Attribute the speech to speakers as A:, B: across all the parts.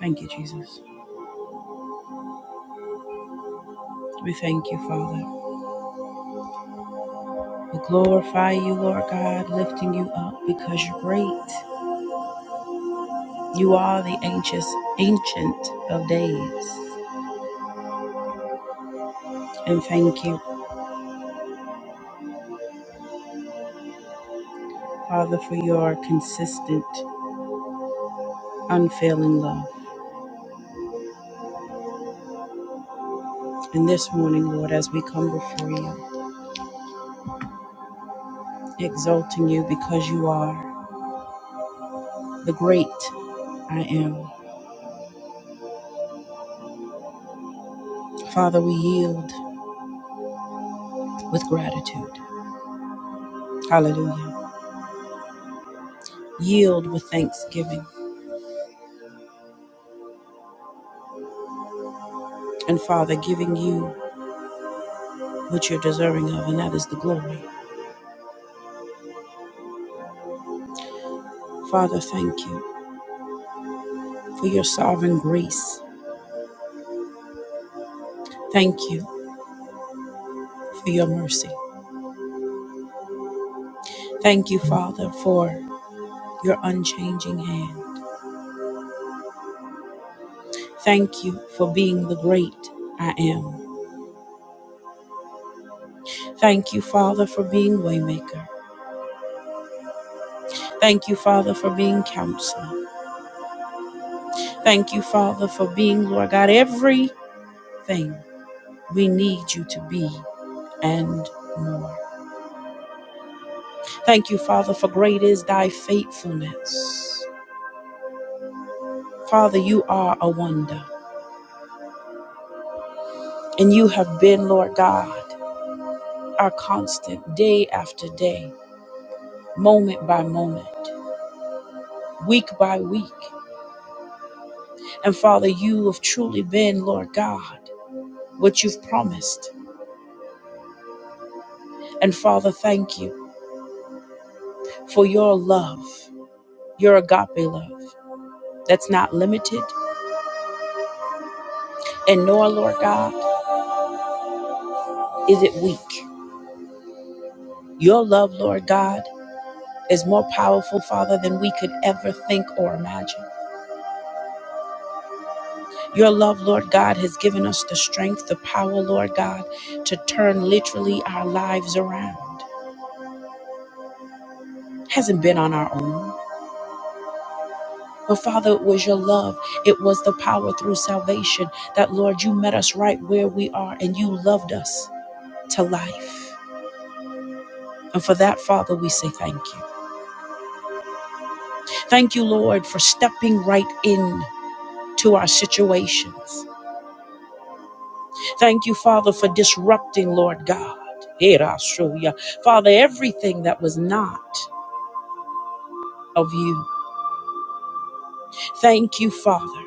A: Thank you, Jesus. We thank you, Father. We glorify you, Lord God, lifting you up because you're great. You are the ancient, ancient of days. And thank you, Father, for your consistent, unfailing love. And this morning, Lord, as we come before you, exalting you because you are the great I am. Father, we yield with gratitude. Hallelujah. Yield with thanksgiving. And Father, giving you what you're deserving of, and that is the glory. Father, thank you for your sovereign grace. Thank you for your mercy. Thank you, Father, for your unchanging hand. Thank you for being the great I am. Thank you, Father, for being waymaker. Thank you, Father, for being counselor. Thank you, Father, for being, Lord God, everything we need you to be and more. Thank you, Father, for great is thy faithfulness. Father, you are a wonder. And you have been, Lord God, our constant day after day, moment by moment, week by week. And Father, you have truly been, Lord God, what you've promised. And Father, thank you for your love, your agape love that's not limited. And nor, Lord God, is it weak. Your love, Lord God, is more powerful, Father, than we could ever think or imagine. Your love, Lord God, has given us the strength, the power, Lord God, to turn literally our lives around. Hasn't been on our own. But Father, it was your love. It was the power through salvation that, Lord, you met us right where we are and you loved us to life. And for that, Father, we say thank you. Thank you, Lord, for stepping right in to our situations. Thank you, Father, for disrupting, Lord God. Era soya. Father, everything that was not. of you. Thank you, Father,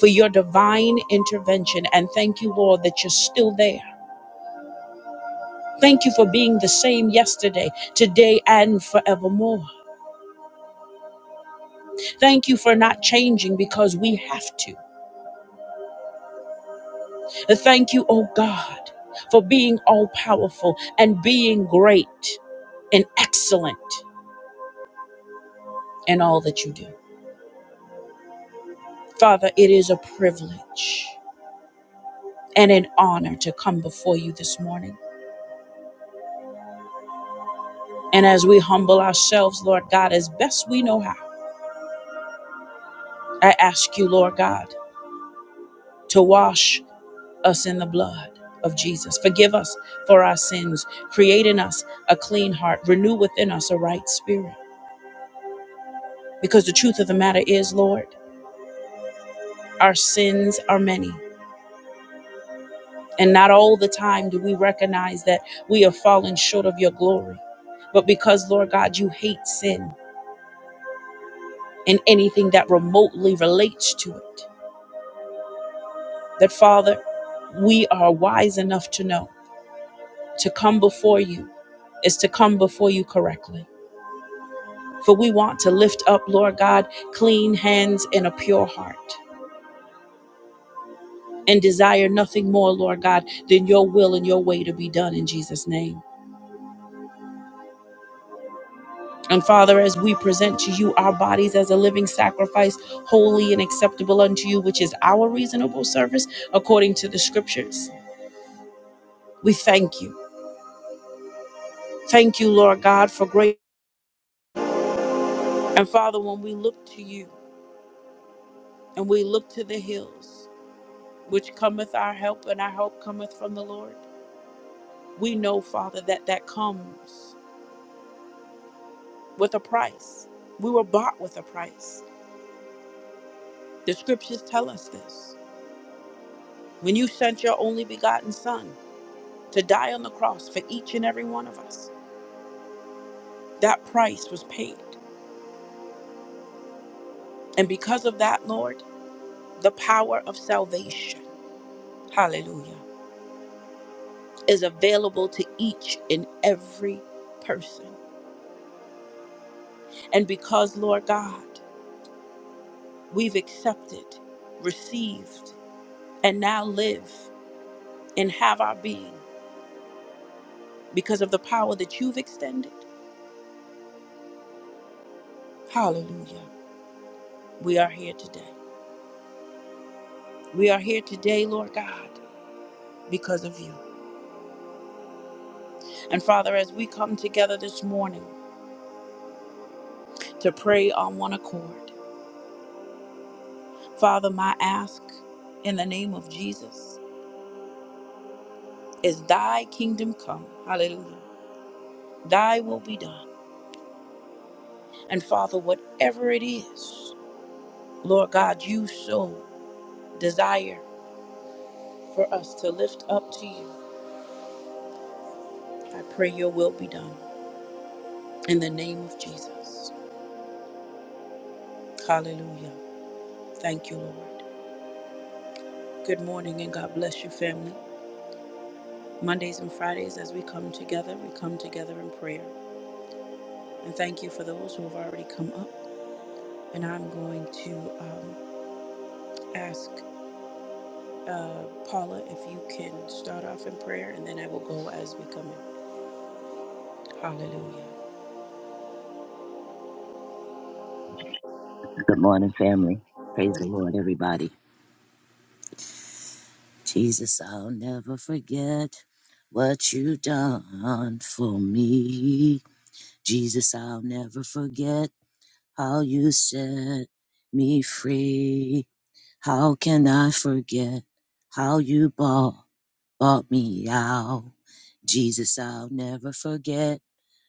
A: for your divine intervention. And thank you, Lord, that you're still there. Thank you for being the same yesterday, today, and forevermore. Thank you for not changing because we have to. Thank you, oh God, for being all powerful and being great and excellent in all that you do. Father, it is a privilege and an honor to come before you this morning. And as we humble ourselves, Lord God, as best we know how, I ask you, Lord God, to wash us in the blood of Jesus. Forgive us for our sins. Create in us a clean heart. Renew within us a right spirit. Because the truth of the matter is, Lord, our sins are many. And not all the time do we recognize that we have fallen short of your glory. But because, Lord God, you hate sin and anything that remotely relates to it, that Father, we are wise enough to know to come before you is to come before you correctly. For we want to lift up, Lord God, clean hands and a pure heart, and desire nothing more, Lord God, than your will and your way to be done in Jesus' name. And Father, as we present to you our bodies as a living sacrifice, holy and acceptable unto you, which is our reasonable service according to the scriptures, we thank you. Thank you, Lord God, for great. And Father, when we look to you and we look to the hills, which cometh our help, and our help cometh from the Lord. We know, Father, that that comes with a price. We were bought with a price. The scriptures tell us this. When you sent your only begotten Son to die on the cross for each and every one of us, that price was paid. And because of that, Lord, the power of salvation, hallelujah, is available to each and every person. And because, Lord God, we've accepted, received, and now live and have our being because of the power that you've extended. Hallelujah. We are here today. We are here today, Lord God, because of you. And Father, as we come together this morning to pray on one accord, Father, my ask in the name of Jesus is thy kingdom come. Hallelujah. Thy will be done. And Father, whatever it is, Lord God, you so desire for us to lift up to you. I pray your will be done. In the name of Jesus. Hallelujah. Thank you, Lord. Good morning and God bless you, family. Mondays and Fridays, as we come together, we come together in prayer. And thank you for those who have already come up. And I'm going to um, ask uh, Paula if you can start off in prayer, and then I will go as we come in. Hallelujah.
B: Good morning, family. Praise the Lord, everybody. Jesus, I'll never forget what you done for me. Jesus, I'll never forget how you set me free. How can I forget how you bought, bought me out? Jesus, I'll never forget.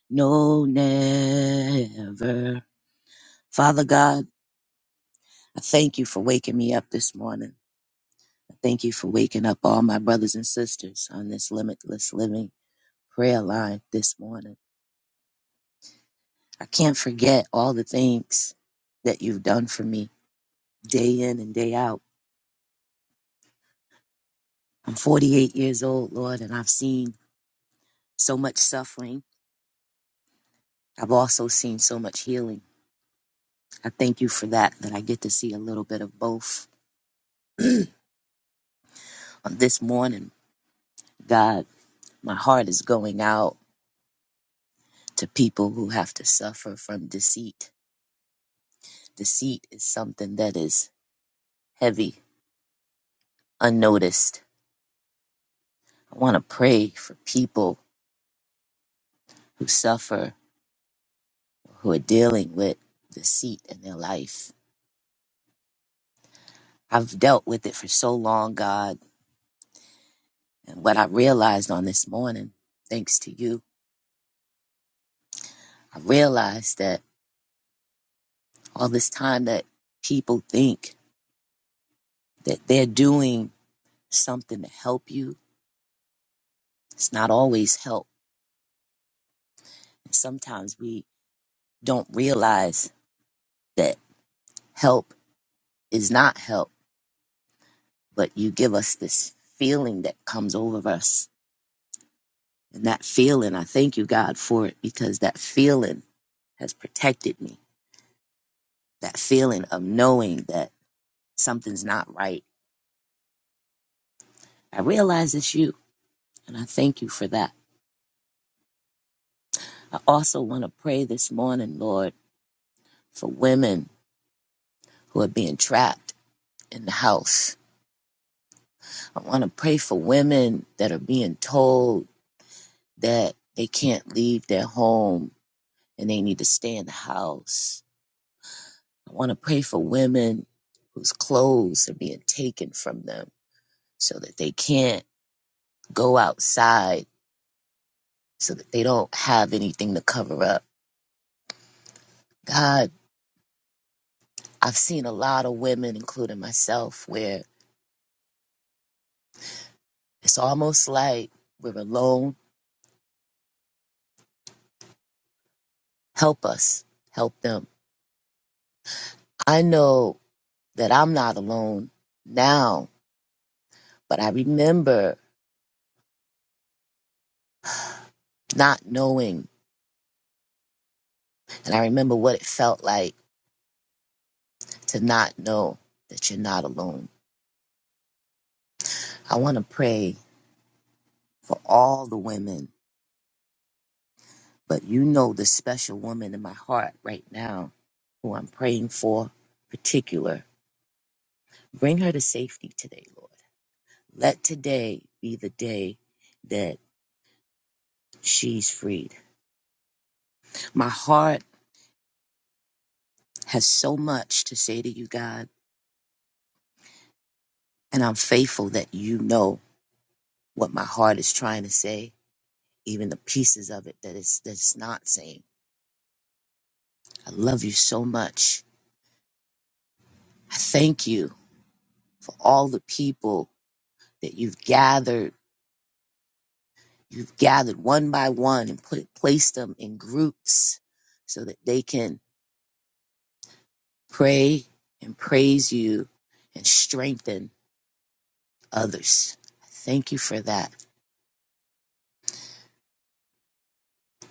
B: No, never. Father God, I thank you for waking me up this morning. I Thank you for waking up all my brothers and sisters on this limitless living prayer line this morning. I can't forget all the things that you've done for me day in and day out. I'm 48 years old, Lord, and I've seen so much suffering. I've also seen so much healing. I thank you for that, that I get to see a little bit of both. On this morning, God, my heart is going out to people who have to suffer from deceit. Deceit is something that is heavy unnoticed. I want to pray for people who suffer, who are dealing with deceit in their life. I've dealt with it for so long, God. And what I realized on this morning, thanks to you, I realized that all this time that people think that they're doing something to help you, it's not always help. And sometimes we don't realize that help is not help, but you give us this feeling that comes over us And that feeling, I thank you, God, for it because that feeling has protected me. That feeling of knowing that something's not right. I realize it's you, and I thank you for that. I also want to pray this morning, Lord, for women who are being trapped in the house. I want to pray for women that are being told that they can't leave their home and they need to stay in the house. I want to pray for women whose clothes are being taken from them. so that they can't go outside, so that they don't have anything to cover up. God, I've seen a lot of women, including myself, where it's almost like we're alone. Help us, help them. I know that I'm not alone now, but I remember not knowing, and I remember what it felt like to not know that you're not alone. I want to pray for all the women But you know the special woman in my heart right now who I'm praying for, particular. Bring her to safety today, Lord. Let today be the day that she's freed. My heart has so much to say to you, God, and I'm faithful that you know what my heart is trying to say, even the pieces of it that it's, that it's not saying. I love you so much. I thank you for all the people that you've gathered You've gathered one by one and put placed them in groups so that they can pray and praise you and strengthen others. Thank you for that.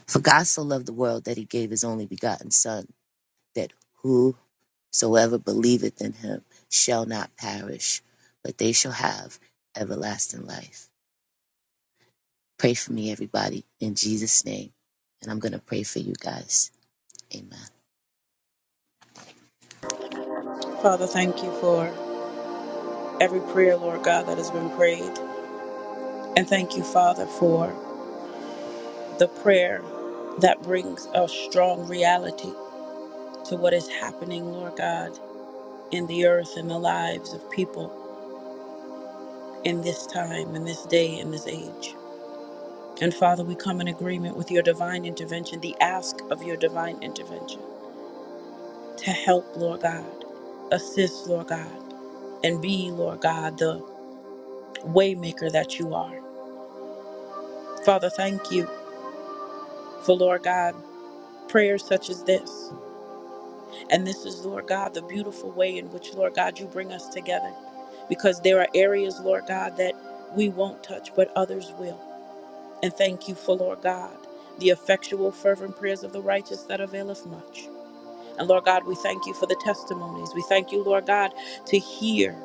B: For God so loved the world that he gave his only begotten Son, that whosoever believeth in him shall not perish, but they shall have everlasting life. Pray for me, everybody, in Jesus' name. And I'm going to pray for you guys. Amen.
A: Father, thank you for every prayer, Lord God, that has been prayed. And thank you, Father, for the prayer that brings a strong reality to what is happening, Lord God, in the earth and the lives of people in this time, in this day, in this age. And Father, we come in agreement with your divine intervention, the ask of your divine intervention to help, Lord God, assist, Lord God, and be, Lord God, the waymaker that you are. Father, thank you for, Lord God, prayers such as this. And this is, Lord God, the beautiful way in which, Lord God, you bring us together. Because there are areas, Lord God, that we won't touch, but others will. And thank you for, Lord God, the effectual, fervent prayers of the righteous that availeth much. And Lord God, we thank you for the testimonies. We thank you, Lord God, to hear,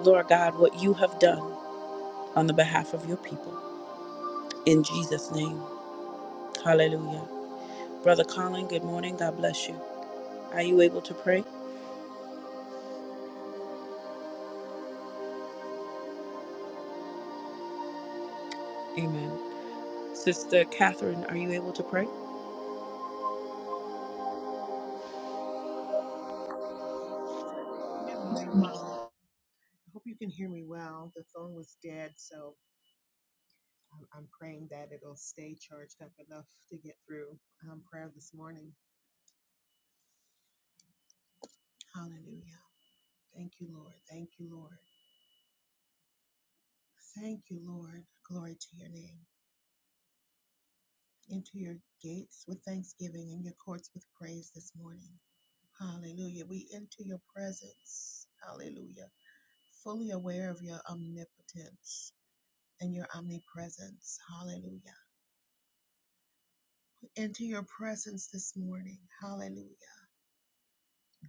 A: Lord God, what you have done on the behalf of your people. In Jesus' name. Hallelujah. Brother Colin, good morning. God bless you. Are you able to pray? Amen. Sister Catherine, are you able to pray?
C: Good morning. Um, I hope you can hear me well. The phone was dead, so I'm, I'm praying that it'll stay charged up enough to get through um, prayer this morning. Hallelujah. Thank you, Lord. Thank you, Lord. Thank you, Lord. Glory to your name. Into your gates with thanksgiving and your courts with praise this morning. Hallelujah. We enter your presence. Hallelujah. Fully aware of your omnipotence and your omnipresence. Hallelujah. into your presence this morning. Hallelujah.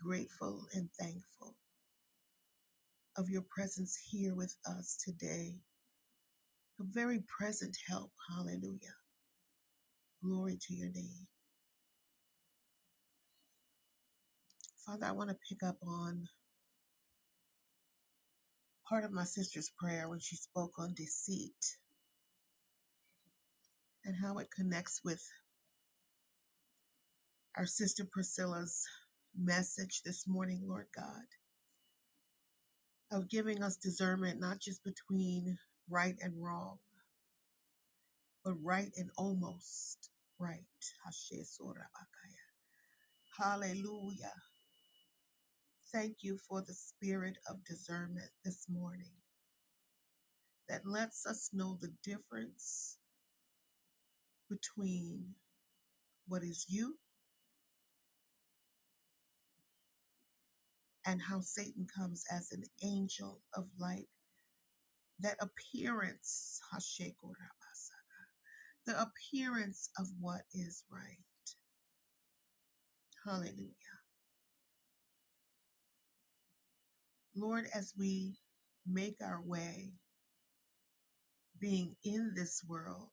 C: Grateful and thankful of your presence here with us today. A very present help. Hallelujah. Glory to your name. Father, I want to pick up on part of my sister's prayer when she spoke on deceit and how it connects with our sister Priscilla's message this morning, Lord God, of giving us discernment not just between right and wrong, but right and almost right. Hallelujah. Thank you for the spirit of discernment this morning that lets us know the difference between what is you and how Satan comes as an angel of light. That appearance, Hashekorabasa, the appearance of what is right. Hallelujah. Lord, as we make our way, being in this world,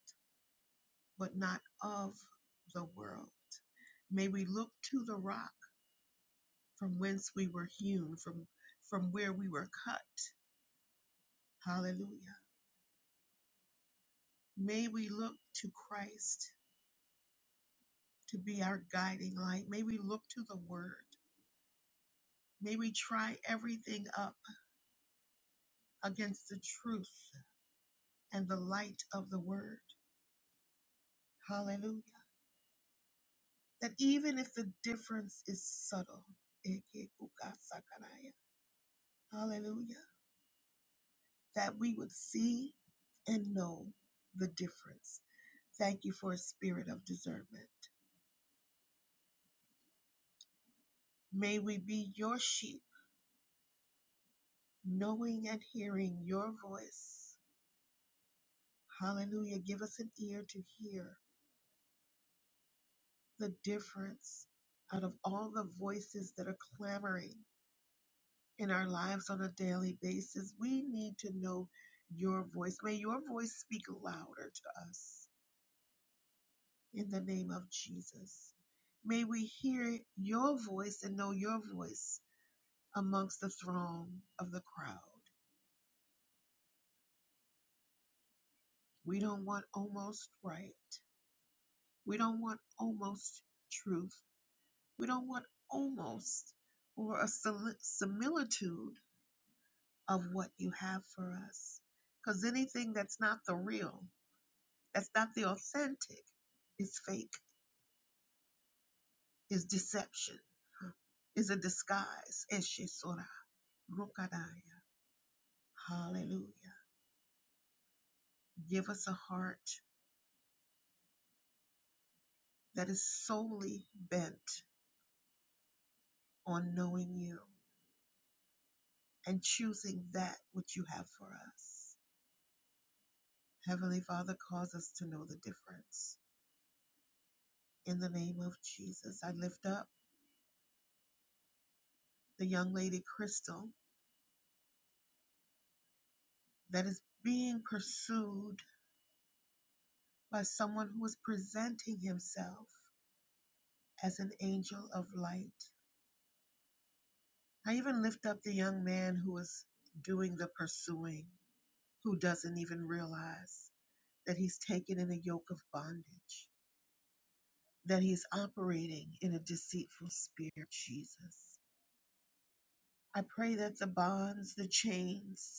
C: but not of the world, may we look to the rock from whence we were hewn, from, from where we were cut. Hallelujah. May we look to Christ to be our guiding light. May we look to the Word. May we try everything up against the truth and the light of the Word. Hallelujah. That even if the difference is subtle, hallelujah, that we would see and know the difference. Thank you for a spirit of discernment. May we be your sheep, knowing and hearing your voice. Hallelujah. Give us an ear to hear the difference out of all the voices that are clamoring in our lives on a daily basis. We need to know your voice. May your voice speak louder to us in the name of Jesus. May we hear your voice and know your voice amongst the throng of the crowd. We don't want almost right. We don't want almost truth. We don't want almost or a similitude of what you have for us. Because anything that's not the real, that's not the authentic, is fake, is deception, huh, is a disguise. Eshisora, rukadaya. Hallelujah. Give us a heart that is solely bent on knowing you and choosing that which you have for us. Heavenly Father, cause us to know the difference. In the name of Jesus, I lift up the young lady Crystal that is being pursued by someone who is presenting himself as an angel of light. I even lift up the young man who is doing the pursuing, who doesn't even realize that he's taken in a yoke of bondage, that he's operating in a deceitful spirit, Jesus. I pray that the bonds, the chains,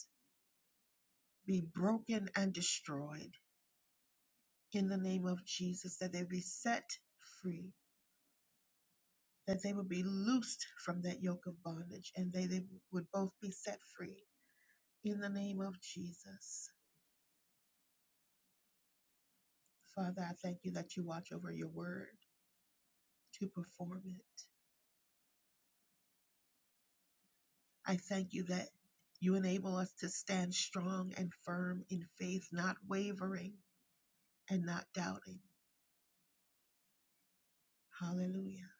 C: be broken and destroyed in the name of Jesus, that they be set free, that they would be loosed from that yoke of bondage, and they, they would both be set free in the name of Jesus. Father, I thank you that you watch over your word to perform it. I thank you that you enable us to stand strong and firm in faith, not wavering and not doubting. Hallelujah.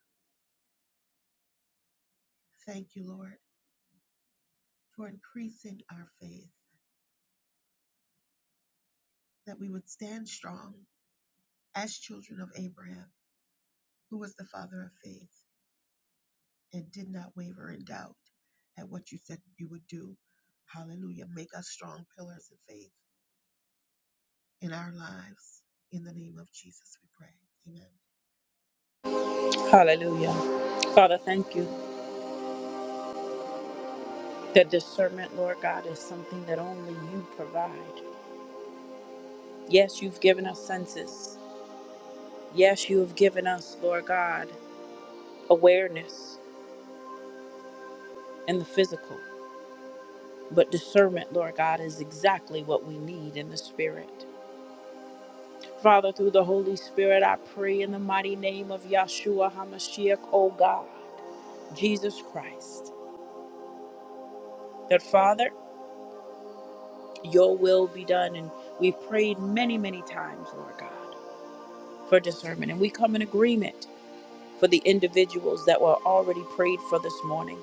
C: Thank you, Lord, for increasing our faith, that we would stand strong as children of Abraham, who was the father of faith and did not waver in doubt at what you said you would do. Hallelujah. Make us strong pillars of faith in our lives. In the name of Jesus, we pray.
A: Hallelujah. Father, thank you that discernment, Lord God, is something that only you provide. Yes, you've given us senses. Yes, you have given us, Lord God, awareness in the physical. But discernment, Lord God, is exactly what we need in the spirit. Father, through the Holy Spirit, I pray in the mighty name of Yahshua HaMashiach, O God, Jesus Christ, that Father, your will be done. And we've prayed many, many times, Lord God. for discernment. And we come in agreement for the individuals that were already prayed for this morning.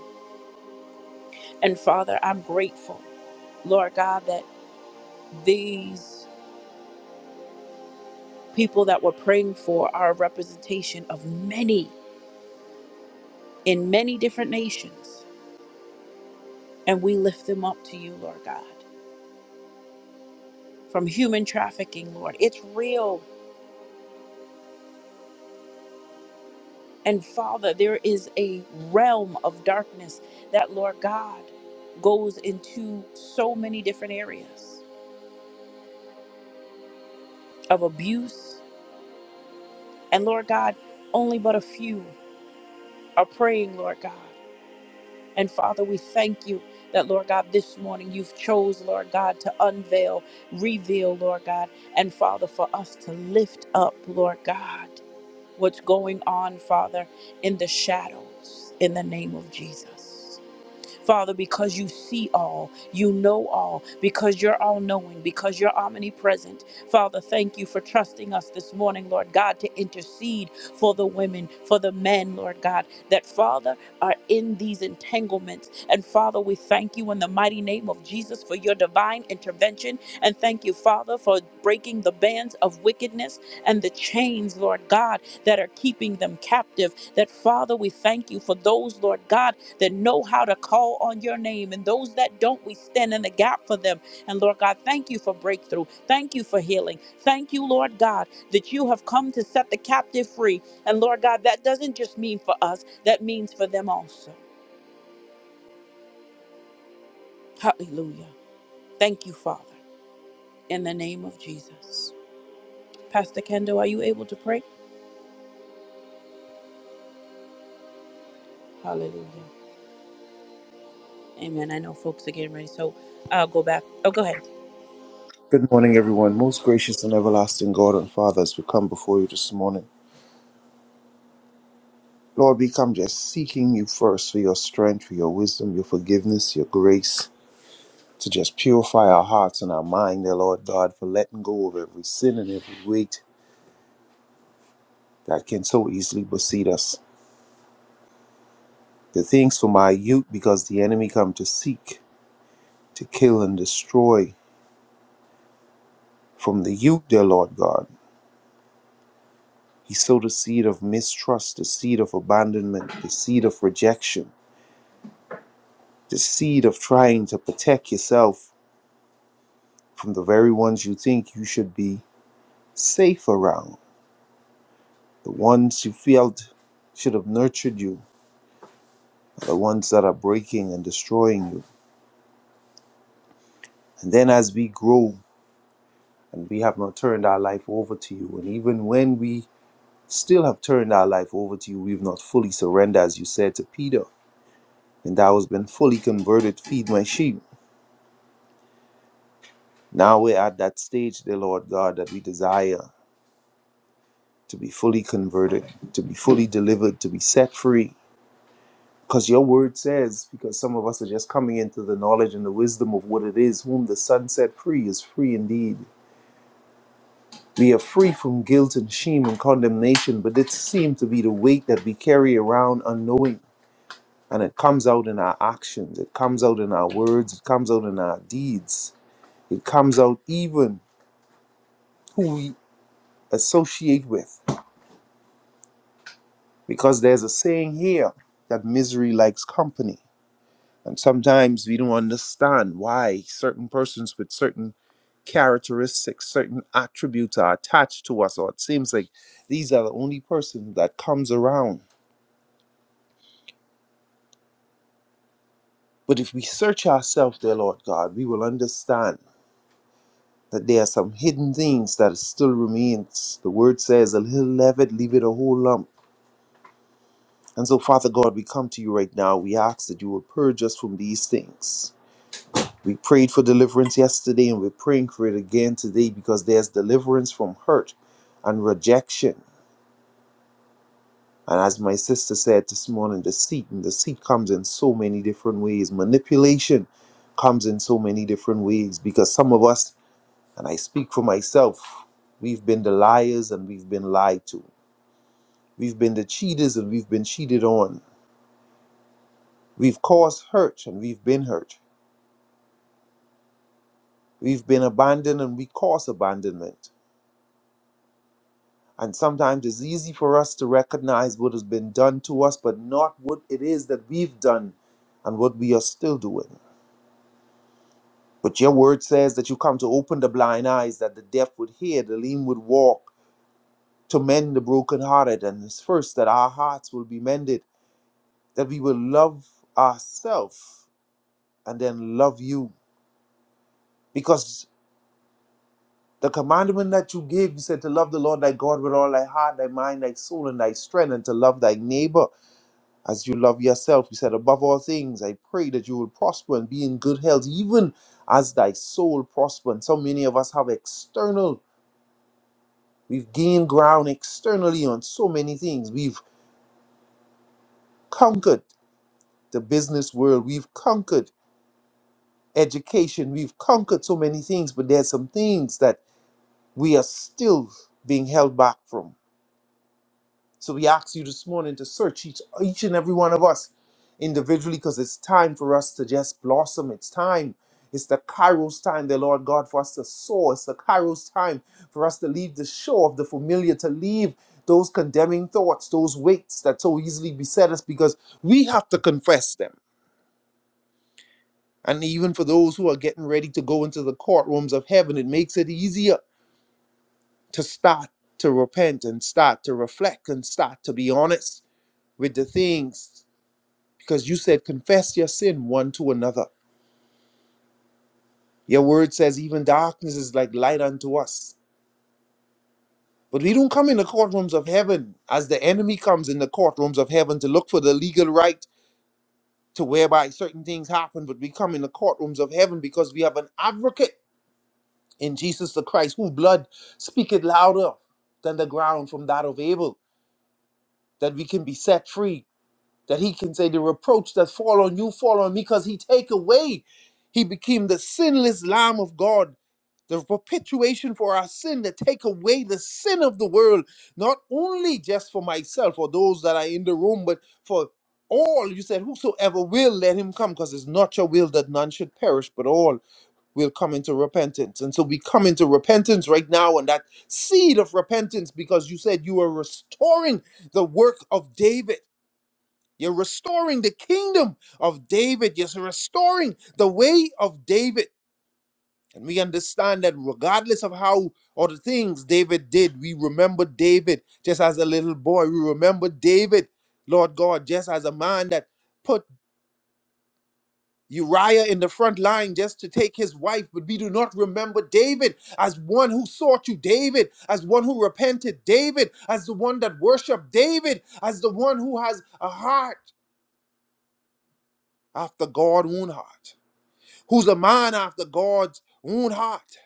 A: And Father, I'm grateful, Lord God, that these people that we're praying for are a representation of many in many different nations. And we lift them up to you, Lord God, from human trafficking, Lord. It's real. And Father, there is a realm of darkness that, Lord God, goes into so many different areas of abuse And Lord God, only but a few are praying, Lord God. And Father, we thank you that, Lord God, this morning you've chose, Lord God, to unveil, reveal, Lord God. And Father, for us to lift up, Lord God, what's going on, Father, in the shadows, in the name of Jesus. Father, because you see all, you know all, because you're all knowing, because you're omnipresent. Father, thank you for trusting us this morning, Lord God, to intercede for the women, for the men, Lord God, that Father are in these entanglements. And Father, we thank you in the mighty name of Jesus for your divine intervention. And thank you, Father, for breaking the bands of wickedness and the chains, Lord God, that are keeping them captive. That Father, we thank you for those, Lord God that know how to call on your name. And those that don't, we stand in the gap for them. And Lord God, thank you for breakthrough. Thank you for healing. Thank you, Lord God, that you have come to set the captive free. And Lord God, that doesn't just mean for us, that means for them also. Hallelujah. Thank you, Father, in the name of Jesus. Pastor Kendo, are you able to pray? Hallelujah. Amen. I know folks are getting ready, so I'll go back. Oh, go ahead.
D: Good morning, everyone. Most gracious and everlasting God and Father, as we come before you this morning, Lord, we come just seeking you first for your strength, for your wisdom, your forgiveness, your grace, to just purify our hearts and our mind, dear Lord God, for letting go of every sin and every weight that can so easily beseed us. The things from our youth, because the enemy come to seek, to kill, and destroy from the youth, dear Lord God. He sowed the seed of mistrust, the seed of abandonment, the seed of rejection The seed of trying to protect yourself from the very ones you think you should be safe around, the ones you felt should have nurtured you, the ones that are breaking and destroying you. And then as we grow and we have not turned our life over to you, and even when we still have turned our life over to you, we've not fully surrendered, as you said to Peter, and thou hast been fully converted, feed my sheep. Now we're at that stage, dear Lord God, that we desire. to be fully converted, to be fully delivered, to be set free. Because your word says, because some of us are just coming into the knowledge and the wisdom of what it is, whom the Son set free is free indeed. We are free from guilt and shame and condemnation, but it seems to be the weight that we carry around unknowing. And it comes out in our actions, it comes out in our words, it comes out in our deeds, it comes out even who we associate with. Because there's a saying here that misery likes company And sometimes we don't understand why certain persons with certain characteristics, certain attributes are attached to us, or it seems like these are the only person that comes around. But if we search ourselves, dear Lord God, we will understand that there are some hidden things that still remains. The word says, a little leaven, leave it a whole lump. And so, Father God, we come to you right now. We ask that you will purge us from these things. We prayed for deliverance yesterday and we're praying for it again today because there's deliverance from hurt and rejection. And as my sister said this morning, deceit and deceit comes in so many different ways. Manipulation comes in so many different ways because some of us, and I speak for myself, we've been the liars and we've been lied to. We've been the cheaters and we've been cheated on. We've caused hurt and we've been hurt. We've been abandoned and we cause abandonment. And sometimes it's easy for us to recognize what has been done to us, but not what it is that we've done and what we are still doing. But your word says that you come to open the blind eyes, that the deaf would hear, the lame would walk, to mend the brokenhearted. And it's first that our hearts will be mended, that we will love ourselves and then love you. Because the commandment that you gave, you said to love the Lord thy God with all thy heart, thy mind, thy soul, and thy strength, and to love thy neighbor as you love yourself. You said, Above all things, I pray that you will prosper and be in good health, even as thy soul prosper. And so many of us have external, we've gained ground externally on so many things. We've conquered the business world, we've conquered education, we've conquered so many things, but there's some things that we are still being held back from. So we ask you this morning to search each, each and every one of us individually because it's time for us to just blossom. It's time. It's the Kairos time, the Lord God, for us to soar. It's the Kairos time for us to leave the shore of the familiar, to leave those condemning thoughts, those weights that so easily beset us because we have to confess them. And even for those who are getting ready to go into the courtrooms of heaven, it makes it easier to start to repent and start to reflect and start to be honest with the things because you said confess your sin one to another. Your word says even darkness is like light unto us. But we don't come in the courtrooms of heaven as the enemy comes in the courtrooms of heaven to look for the legal right to whereby certain things happen. But we come in the courtrooms of heaven because we have an advocate in Jesus the Christ, whose blood speaketh louder than the ground from that of Abel, that we can be set free, that he can say, The reproach that fall on you fall on me, because he take away he became the sinless Lamb of God the perpetuation for our sin to take away the sin of the world, not only just for myself or those that are in the room, but for all. You said, Whosoever will, let him come, because it's not your will that none should perish, but all will come into repentance. And so we come into repentance right now, and that seed of repentance, because you said you are restoring the work of David. You're restoring the kingdom of David. You're restoring the way of David. And we understand that regardless of how or the things David did, we remember David just as a little boy. We remember David, Lord God, just as a man that put Uriah in the front line just to take his wife. But we do not remember David as one who sought you, David, as one who repented, David, as the one that worshiped, David, as the one who has a heart after God's own heart, who's a man after God's own heart.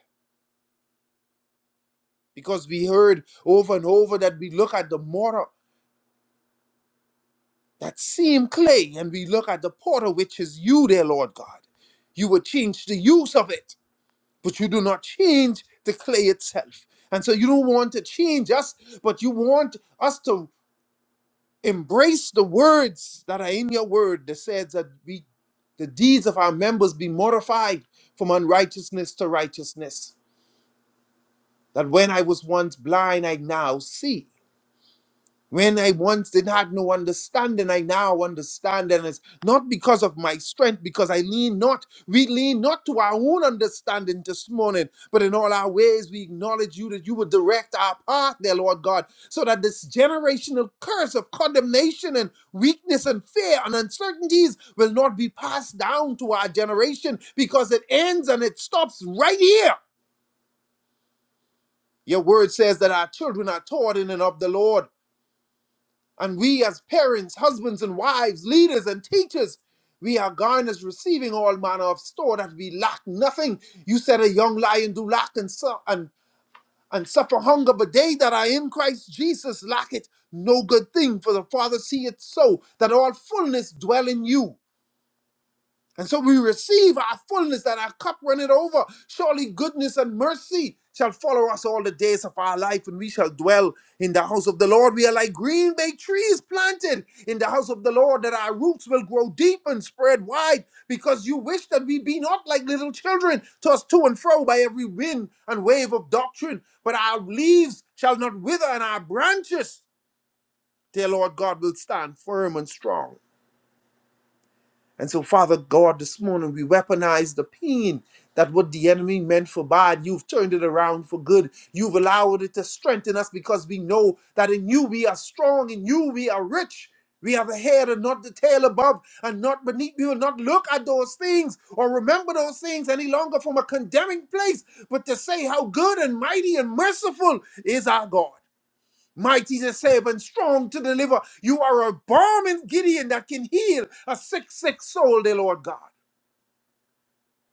D: because we heard over and over that we look at the mortar, that same clay, and we look at the potter, which is you, dear Lord God. You would change the use of it, but you do not change the clay itself. And so you don't want to change us, but you want us to embrace the words that are in your word that says that we, the deeds of our members be mortified from unrighteousness to righteousness. That when I was once blind, I now see When I once did not no understanding, I now understand, and it's not because of my strength, because I lean not, we lean not to our own understanding this morning, but in all our ways we acknowledge you that you would direct our path, dear Lord God, so that this generational curse of condemnation and weakness and fear and uncertainties will not be passed down to our generation because it ends and it stops right here. Your word says that our children are taught in and of the Lord. And we, as parents, husbands, and wives, leaders, and teachers, we are garners receiving all manner of store that we lack nothing. You said a young lion do lack and, su- and, and suffer hunger, but they that are in Christ Jesus lack it no good thing, for the Father see it so that all fullness dwell in you. And so we receive our fullness and our cup runneth over. Surely goodness and mercy shall follow us all the days of our life, and we shall dwell in the house of the Lord. We are like green bay trees planted in the house of the Lord, that our roots will grow deep and spread wide, because you wish that we be not like little children, tossed to and fro by every wind and wave of doctrine. But our leaves shall not wither, and our branches, dear Lord God, will stand firm and strong. And so, Father God, this morning we weaponize the pain that what the enemy meant for bad, you've turned it around for good. You've allowed it to strengthen us because we know that in you we are strong, in you we are rich. We have a head and not the tail above and not beneath. We will not look at those things or remember those things any longer from a condemning place, but to say how good and mighty and merciful is our God mighty to save and strong to deliver. You are a balm in Gideon that can heal a sick, sick soul, dear Lord God.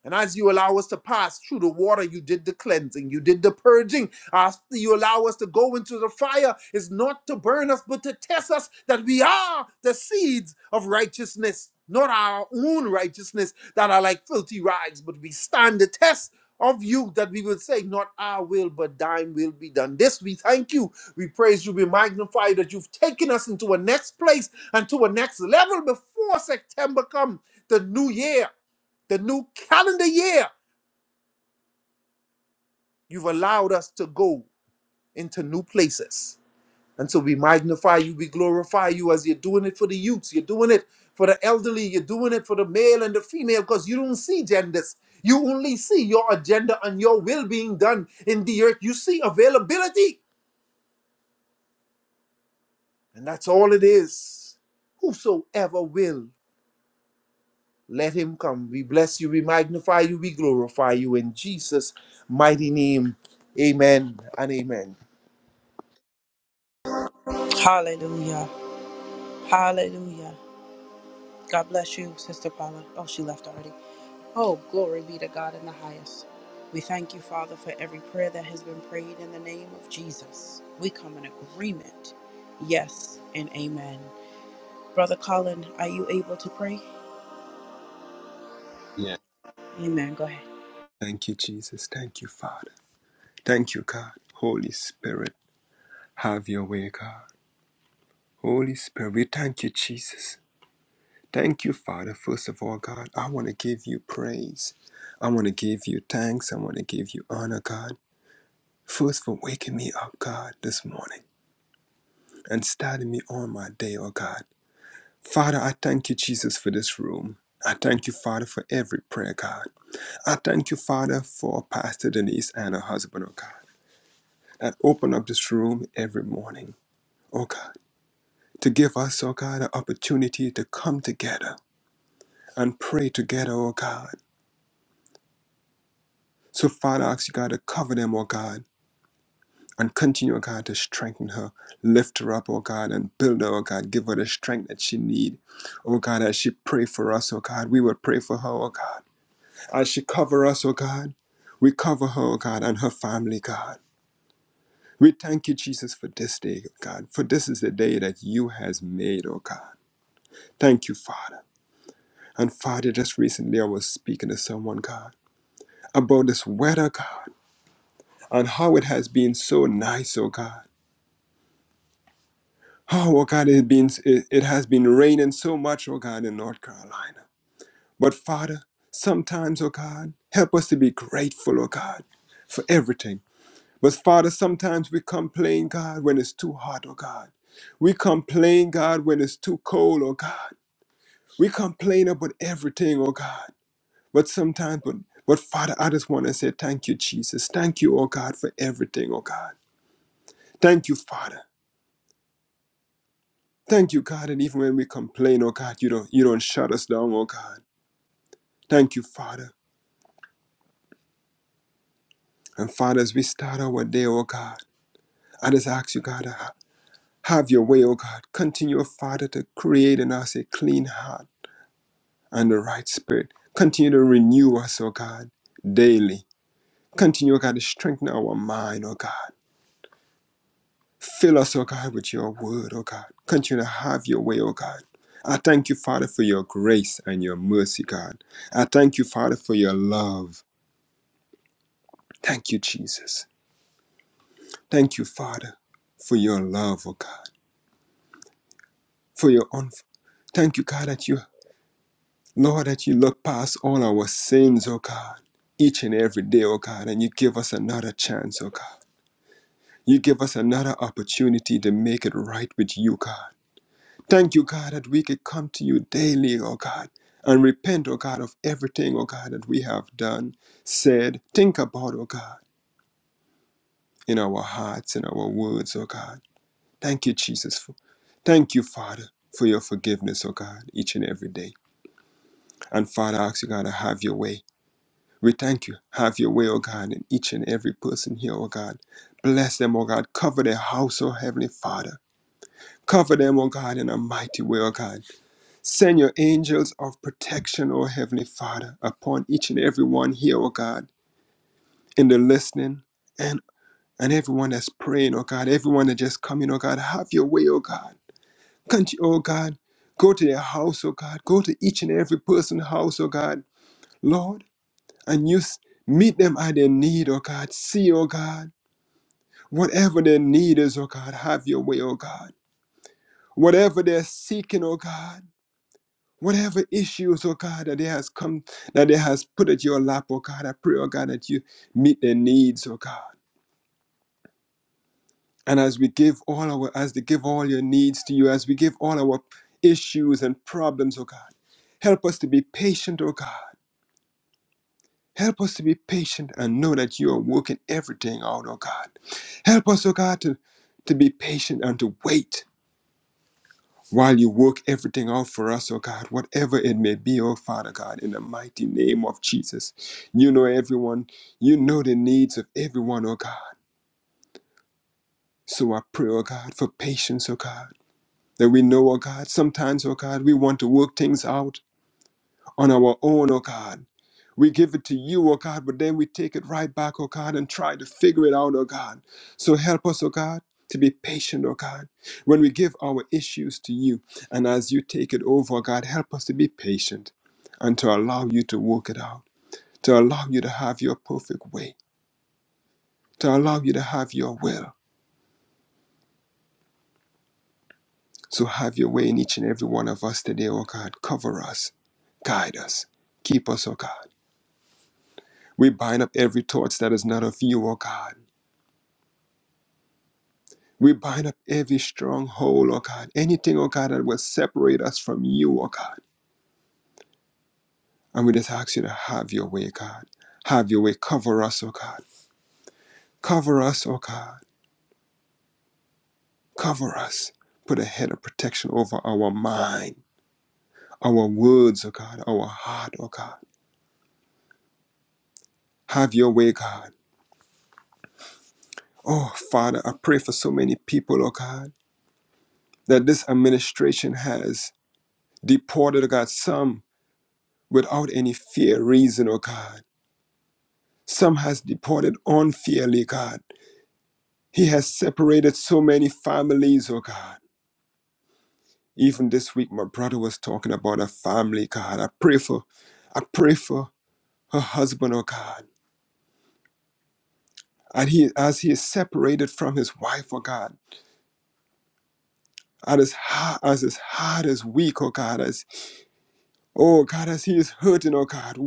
D: And as you allow us to pass through the water, you did the cleansing, you did the purging. As you allow us to go into the fire, is not to burn us, but to test us that we are the seeds of righteousness, not our own righteousness that are like filthy rags, but we stand the test of you that we will say, Not our will, but thine will be done. This we thank you. We praise you. We magnify that you've taken us into a next place and to a next level before September come, the new year the new calendar year. You've allowed us to go into new places. And so we magnify you, we glorify you as you're doing it for the youths, you're doing it for the elderly, you're doing it for the male and the female, because you don't see genders. You only see your agenda and your will being done in the earth. You see availability, and that's all it is. Whosoever will, let him come. We bless you, we magnify you, we glorify you in Jesus' mighty name. Amen and amen.
A: Hallelujah. Hallelujah. God bless you, Sister Paula. Oh, she left already. Oh, glory be to God in the highest. We thank you, Father, for every prayer that has been prayed in the name of Jesus. We come in agreement. Yes and amen. Brother Colin, are you able to pray?
E: Yeah.
A: Amen. Go ahead.
E: Thank you, Jesus. Thank you, Father. Thank you, God. Holy Spirit, have your way, God. Holy Spirit, we thank you, Jesus. Thank you, Father. First of all, God, I want to give you praise. I want to give you thanks. I want to give you honor, God. First, for waking me up, God, this morning and starting me on my day, oh God. Father, I thank you, Jesus, for this room. I thank you, Father, for every prayer, God. I thank you, Father, for Pastor Denise and her husband, oh God. and open up this room every morning, oh God, to give us, oh God, an opportunity to come together and pray together, oh God. So, Father, I ask you, God, to cover them, oh God, and continue, oh God, to strengthen her, lift her up, oh God, and build her, oh God, give her the strength that she need, oh God, as she pray for us, oh God, we would pray for her, oh God, as she cover us, oh God, we cover her, oh God, and her family, God. We thank you, Jesus, for this day, God, for this is the day that you has made, oh God. Thank you, Father. And Father, just recently I was speaking to someone, God, about this weather, God, and how it has been so nice, oh God. Oh, oh God, it, been, it, it has been raining so much, oh God, in North Carolina. But Father, sometimes, oh God, help us to be grateful, oh God, for everything. But Father, sometimes we complain, God, when it's too hot, oh God. We complain, God, when it's too cold, oh God. We complain about everything, oh God. But sometimes, but, but Father, I just want to say thank you, Jesus. Thank you, oh God, for everything, oh God. Thank you, Father. Thank you, God. And even when we complain, oh God, you don't you don't shut us down, oh God. Thank you, Father. And Father, as we start our day, oh God, I just ask you, God, to ha- have your way, oh God. Continue, Father, to create in us a clean heart and the right spirit. Continue to renew us, oh God, daily. Continue, oh God, to strengthen our mind, oh God. Fill us, O God, with your word, O God. Continue to have your way, O God. I thank you, Father, for your grace and your mercy, God. I thank you, Father, for your love. Thank you, Jesus. Thank you, Father, for your love, O God, for your un. Thank you, God, that you, Lord, that you look past all our sins, O God, each and every day, O God, and you give us another chance, O God. You give us another opportunity to make it right with you, God. Thank you, God, that we could come to you daily, oh God, and repent, oh God, of everything, oh God, that we have done, said, think about, oh God, in our hearts, in our words, oh God. Thank you, Jesus. For, thank you, Father, for your forgiveness, oh God, each and every day. And Father, I ask you, God, to have your way. We thank you. Have your way, oh God, in each and every person here, oh God. Bless them, oh God. Cover their house, oh Heavenly Father. Cover them, oh God, in a mighty way, oh God. Send your angels of protection, O Heavenly Father, upon each and every one here, O God, in the listening and and everyone that's praying, O God, everyone that just coming, O God, have your way, O God. Can't you, O God, go to their house, O God, go to each and every person's house, O God, Lord, and you s- meet them at their need, O God. See, O God, whatever their need is, O God, have your way, O God. Whatever they're seeking, O God. Whatever issues, oh God, that they has come, that they has put at your lap, oh God, I pray, oh God, that you meet their needs, oh God. And as we give all our, as they give all your needs to you, as we give all our issues and problems, oh God, help us to be patient, oh God. Help us to be patient and know that you are working everything out, oh God. Help us, oh God, to, to be patient and to wait while you work everything out for us, oh God, whatever it may be, oh Father God, in the mighty name of Jesus. You know everyone, you know the needs of everyone, oh God. So I pray, oh God, for patience, oh God. That we know, oh God, sometimes, oh God, we want to work things out on our own, oh God. We give it to you, oh God, but then we take it right back, oh God, and try to figure it out, oh God. So help us, oh God, to be patient, oh God, when we give our issues to you. And as you take it over, oh God, help us to be patient and to allow you to work it out, to allow you to have your perfect way, to allow you to have your will. So have your way in each and every one of us today, oh God. Cover us, guide us, keep us, oh God. We bind up every thought that is not of you, oh God. We bind up every stronghold, oh God, anything, oh God, that will separate us from you, oh God. And we just ask you to have your way, God. Have your way. Cover us, oh God. Cover us, oh God. Cover us. Put a head of protection over our mind, our words, oh God, our heart, oh God. Have your way, God. Oh, Father, I pray for so many people, oh God, that this administration has deported, oh God, some without any fear, reason, oh God. Some has departed unfairly, God. He has separated so many families, oh God. Even this week, my brother was talking about a family, God. I pray for, I pray for her husband, oh God. And he, as he is separated from his wife, oh God. And as hard as his heart is weak, oh God, as oh God, as he is hurting, oh God.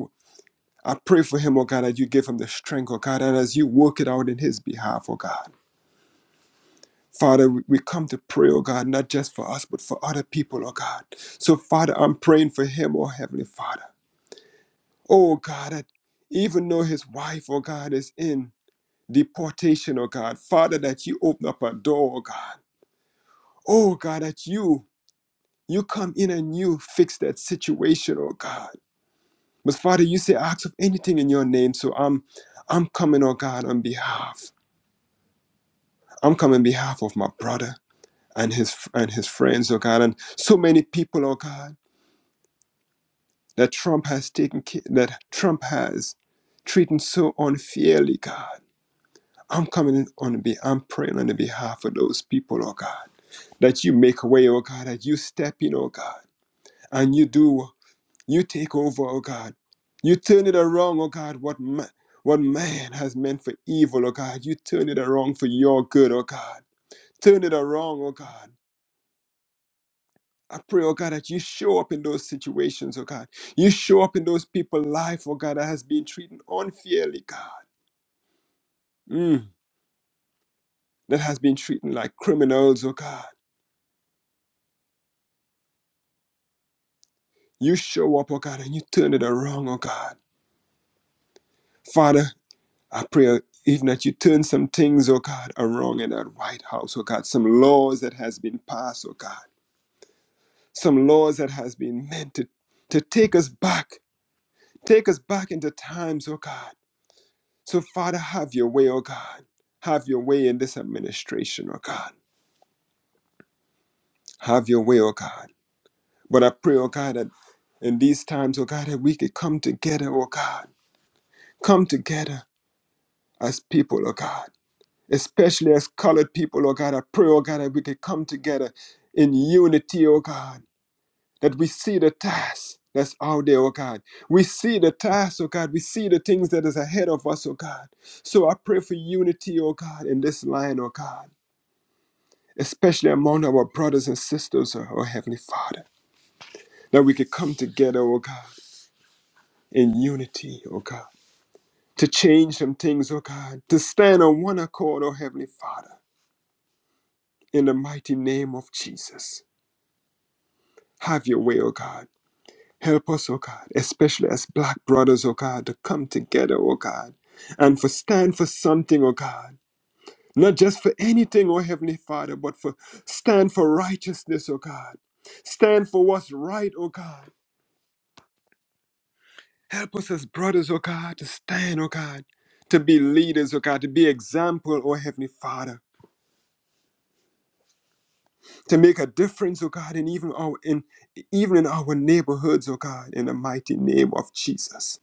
E: I pray for him, oh God, that you give him the strength, oh God, and as you work it out in his behalf, oh God. Father, we we come to pray, oh God, not just for us, but for other people, oh God. So, Father, I'm praying for him, oh Heavenly Father. Oh God, that even though his wife, oh God, is in deportation, oh God, Father, that you open up a door, oh God. Oh God, that you you come in and you fix that situation, oh God. But Father, you say ask of anything in your name. So I'm I'm coming, oh God, on behalf. I'm coming on behalf of my brother and his and his friends, oh God, and so many people, oh God that Trump has taken care, that Trump has treated so unfairly, God. I'm coming on be I'm praying on the behalf of those people, oh God, that you make a way, oh God, that you step in, oh God, and you do, you take over, oh God. You turn it around, oh God, what man, what man has meant for evil, oh God, you turn it around for your good, oh God. Turn it around, oh God. I pray, oh God, that you show up in those situations, oh God. You show up in those people's life, oh God, that has been treated unfairly, God. Mm, that has been treated like criminals, oh God. You show up, oh God, and you turn it around, oh God. Father, I pray even that you turn some things, oh God, around in that White House, oh God. Some laws that has been passed, oh God. Some laws that has been meant to, to take us back, take us back into times, oh God So, Father, have your way, oh God. Have your way in this administration, oh God. Have your way, oh God. But I pray, oh God, that in these times, oh God, that we could come together, oh God. Come together as people, oh God. Especially as colored people, oh God. I pray, oh God, that we could come together in unity, oh God. That we see the task that's out there, oh God. We see the task, oh God. We see the things that is ahead of us, oh God. So I pray for unity, oh God, in this line, oh God. especially among our brothers and sisters, uh, oh Heavenly Father, that we could come together, oh God, in unity, oh God, to change some things, oh God, to stand on one accord, oh Heavenly Father, in the mighty name of Jesus. Have your way, oh God. Help us, oh God, especially as black brothers, oh God, to come together, oh God, and for stand for something, oh God. Not just for anything, oh Heavenly Father, but for stand for righteousness, oh God. Stand for what's right, oh God Help us as brothers, oh God, to stand, oh God, to be leaders, oh God, to be example, oh Heavenly Father, to make a difference, oh God, in even our in even in our neighborhoods, oh God, in the mighty name of Jesus.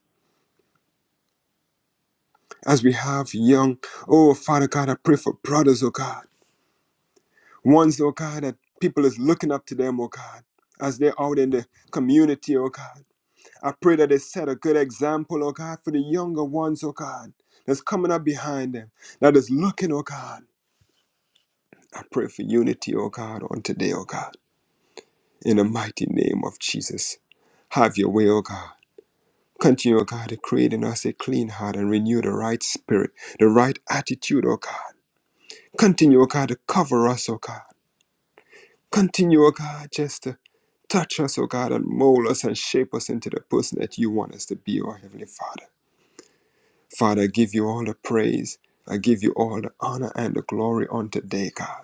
E: As we have young, oh Father God, I pray for brothers, oh God. Ones, oh God, that people is looking up to them, oh God, as they're out in the community, oh God. I pray that they set a good example, oh God, for the younger ones, oh God, that's coming up behind them, that is looking, oh God. I pray for unity, O God, on today, O God, in the mighty name of Jesus. Have your way, O God. Continue, O God, to create in us a clean heart and renew the right spirit, the right attitude, O God. Continue, O God, to cover us, O God. Continue, O God, just to touch us, O God, and mold us and shape us into the person that you want us to be, O Heavenly Father. Father, I give you all the praise. I give you all the honor and the glory on today, God.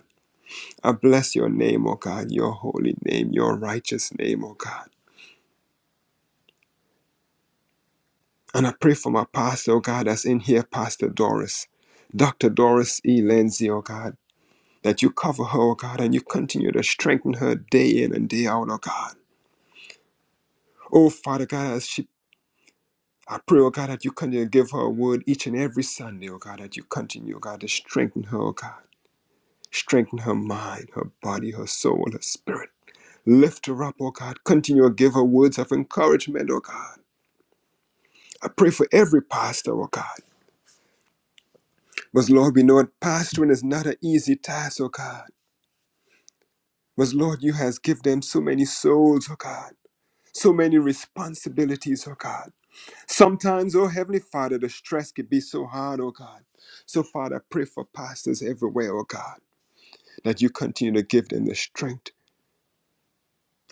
E: I bless your name, O God, your holy name, your righteous name, O God. And I pray for my pastor, O God, that's in here, Pastor Doris, Dr. Doris E. Lindsay, O God, that you cover her, O God, and you continue to strengthen her day in and day out, O God. Oh, Father God, as she I pray, O God, that you continue to give her a word each and every Sunday, O God, that you continue, O God, to strengthen her, O God. Strengthen her mind, her body, her soul, her spirit. Lift her up, O God. Continue to give her words of encouragement, O God. I pray for every pastor, oh God. But Lord, we know that pastoring is not an easy task, oh God. But Lord, you has given them so many souls, oh God. So many responsibilities, oh God. Sometimes, oh Heavenly Father, the stress can be so hard, oh God. So Father, I pray for pastors everywhere, oh God, that you continue to give them the strength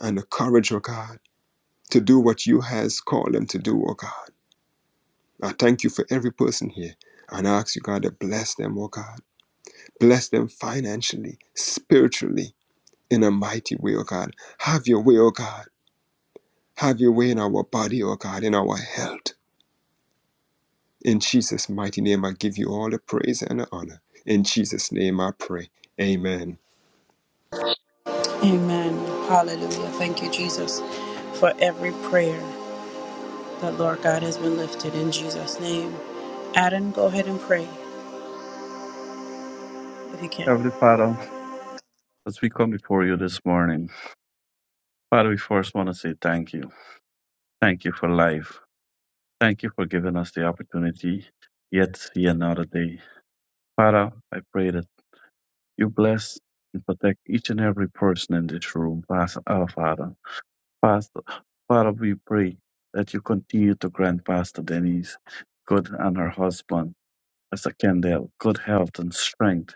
E: and the courage, oh God, to do what you has called them to do, oh God. I thank you for every person here and I ask you, God, to bless them, oh God. Bless them financially, spiritually, in a mighty way, O God. Have your way, O God. Have your way in our body, O God, in our health. In Jesus' mighty name, I give you all the praise and the honor. In Jesus' name, I pray. Amen.
A: Amen. Hallelujah. Thank you, Jesus, for every prayer that Lord God has been lifted in Jesus' name. Adam, go ahead and pray if you can.
F: Heavenly Father, as we come before you this morning, Father, we first want to say thank you. Thank you for life. Thank you for giving us the opportunity yet to see another day. Father, I pray that you bless and protect each and every person in this room, Pastor, our Father. Pastor, Father, we pray that you continue to grant Pastor Denise good and her husband. as I can there good health and strength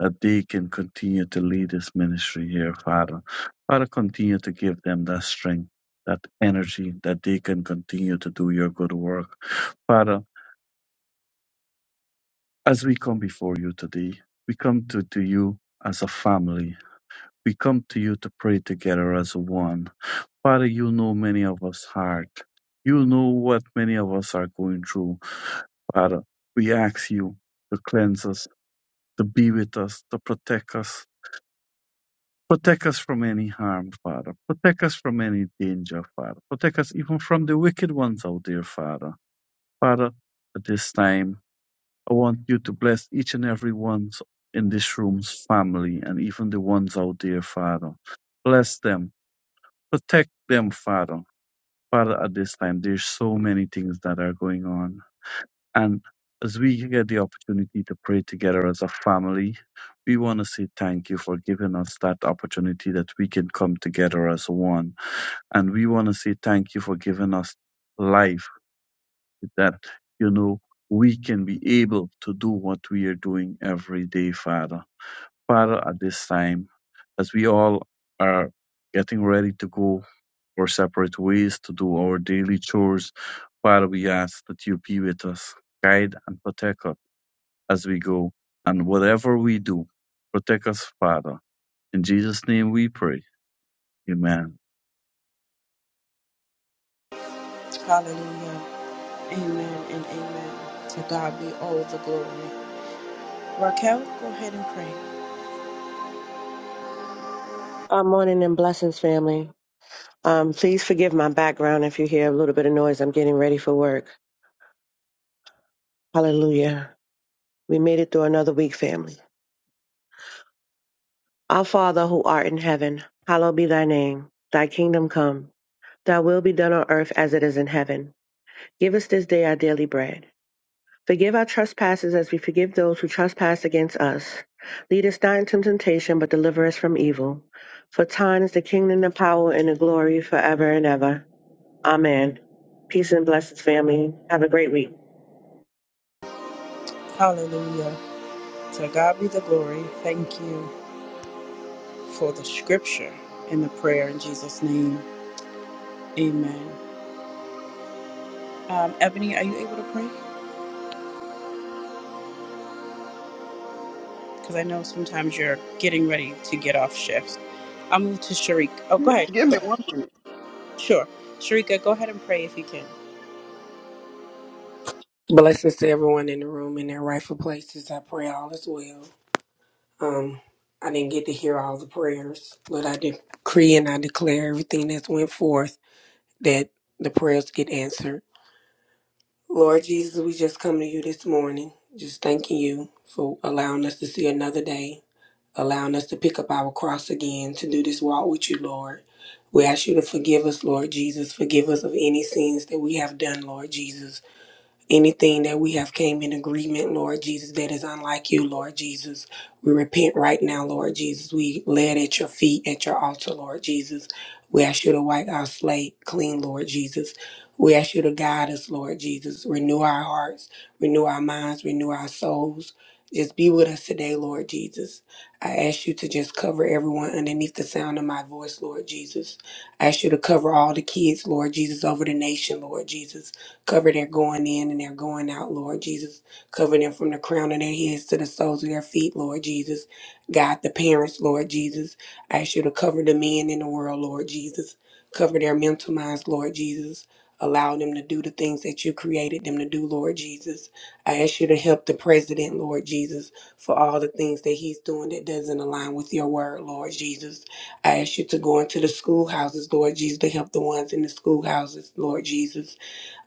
F: that they can continue to lead this ministry here, Father. Father, continue to give them that strength, that energy that they can continue to do your good work. Father, as we come before you today, we come to, to you as a family. We come to you to pray together as one. Father, you know many of us heart. You know what many of us are going through. Father, we ask you to cleanse us to be with us, to protect us. Protect us from any harm, Father. Protect us from any danger, Father. Protect us even from the wicked ones out there, Father. Father, at this time, I want you to bless each and every one in this room's family and even the ones out there, Father. Bless them. Protect them, Father. Father, at this time, there's so many things that are going on. And as we get the opportunity to pray together as a family, we want to say thank you for giving us that opportunity that we can come together as one. And we want to say thank you for giving us life that, you know, we can be able to do what we are doing every day, Father. Father, at this time, as we all are getting ready to go our separate ways to do our daily chores, Father, we ask that you be with us, guide and protect us as we go and whatever we do. Protect us, Father. In Jesus' name we pray. Amen.
A: Hallelujah. Amen and amen. To God be all the glory. Raquel, go ahead and pray.
G: Uh, morning and blessings, family. Um, please forgive my background if you hear a little bit of noise. I'm getting ready for work. Hallelujah. We made it through another week, family. Our Father who art in heaven, hallowed be thy name. Thy kingdom come. Thy will be done on earth as it is in heaven. Give us this day our daily bread. Forgive our trespasses as we forgive those who trespass against us. Lead us not into temptation, but deliver us from evil. For thine is the kingdom, the power, and the glory forever and ever. Amen. Peace and blessings, family. Have a great week.
A: Hallelujah. To God be the glory. Thank you for the scripture and the prayer in Jesus' name. Amen. Um, Ebony, are you able to pray? Because I know sometimes you're getting ready to get off shift. I'll move to Sharik. Oh,
H: Gi-
A: go ahead.
H: Give me one minute.
A: Sure. Sharika, go ahead and pray if you can.
I: Blessings to everyone in the room in their rightful places. I pray all is well. Um, I didn't get to hear all the prayers, but I decree and I declare everything that's went forth that the prayers get answered. Lord Jesus, we just come to you this morning, just thanking you for allowing us to see another day, allowing us to pick up our cross again to do this walk with you, Lord. We ask you to forgive us, Lord Jesus. Forgive us of any sins that we have done, Lord Jesus anything that we have came in agreement lord jesus that is unlike you lord jesus we repent right now lord jesus we lay it at your feet at your altar lord jesus we ask you to wipe our slate clean lord jesus we ask you to guide us lord jesus renew our hearts renew our minds renew our souls just be with us today lord jesus i ask you to just cover everyone underneath the sound of my voice lord jesus I ask you to cover all the kids, Lord Jesus, over the nation, Lord Jesus. Cover their going in and their going out, Lord Jesus. Cover them from the crown of their heads to the soles of their feet, Lord Jesus. God, the parents, Lord Jesus. I ask you to cover the men in the world, Lord Jesus. Cover their mental minds, Lord Jesus. Allow them to do the things that you created them to do, Lord Jesus. I ask you to help the president, Lord Jesus, for all the things that he's doing that doesn't align with your word, Lord Jesus. I ask you to go into the schoolhouses, Lord Jesus, to help the ones in the schoolhouses, Lord Jesus.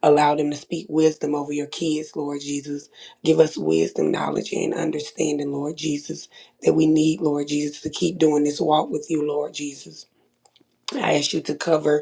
I: Allow them to speak wisdom over your kids, Lord Jesus. Give us wisdom, knowledge, and understanding, Lord Jesus, that we need, Lord Jesus, to keep doing this walk with you, Lord Jesus. I ask you to cover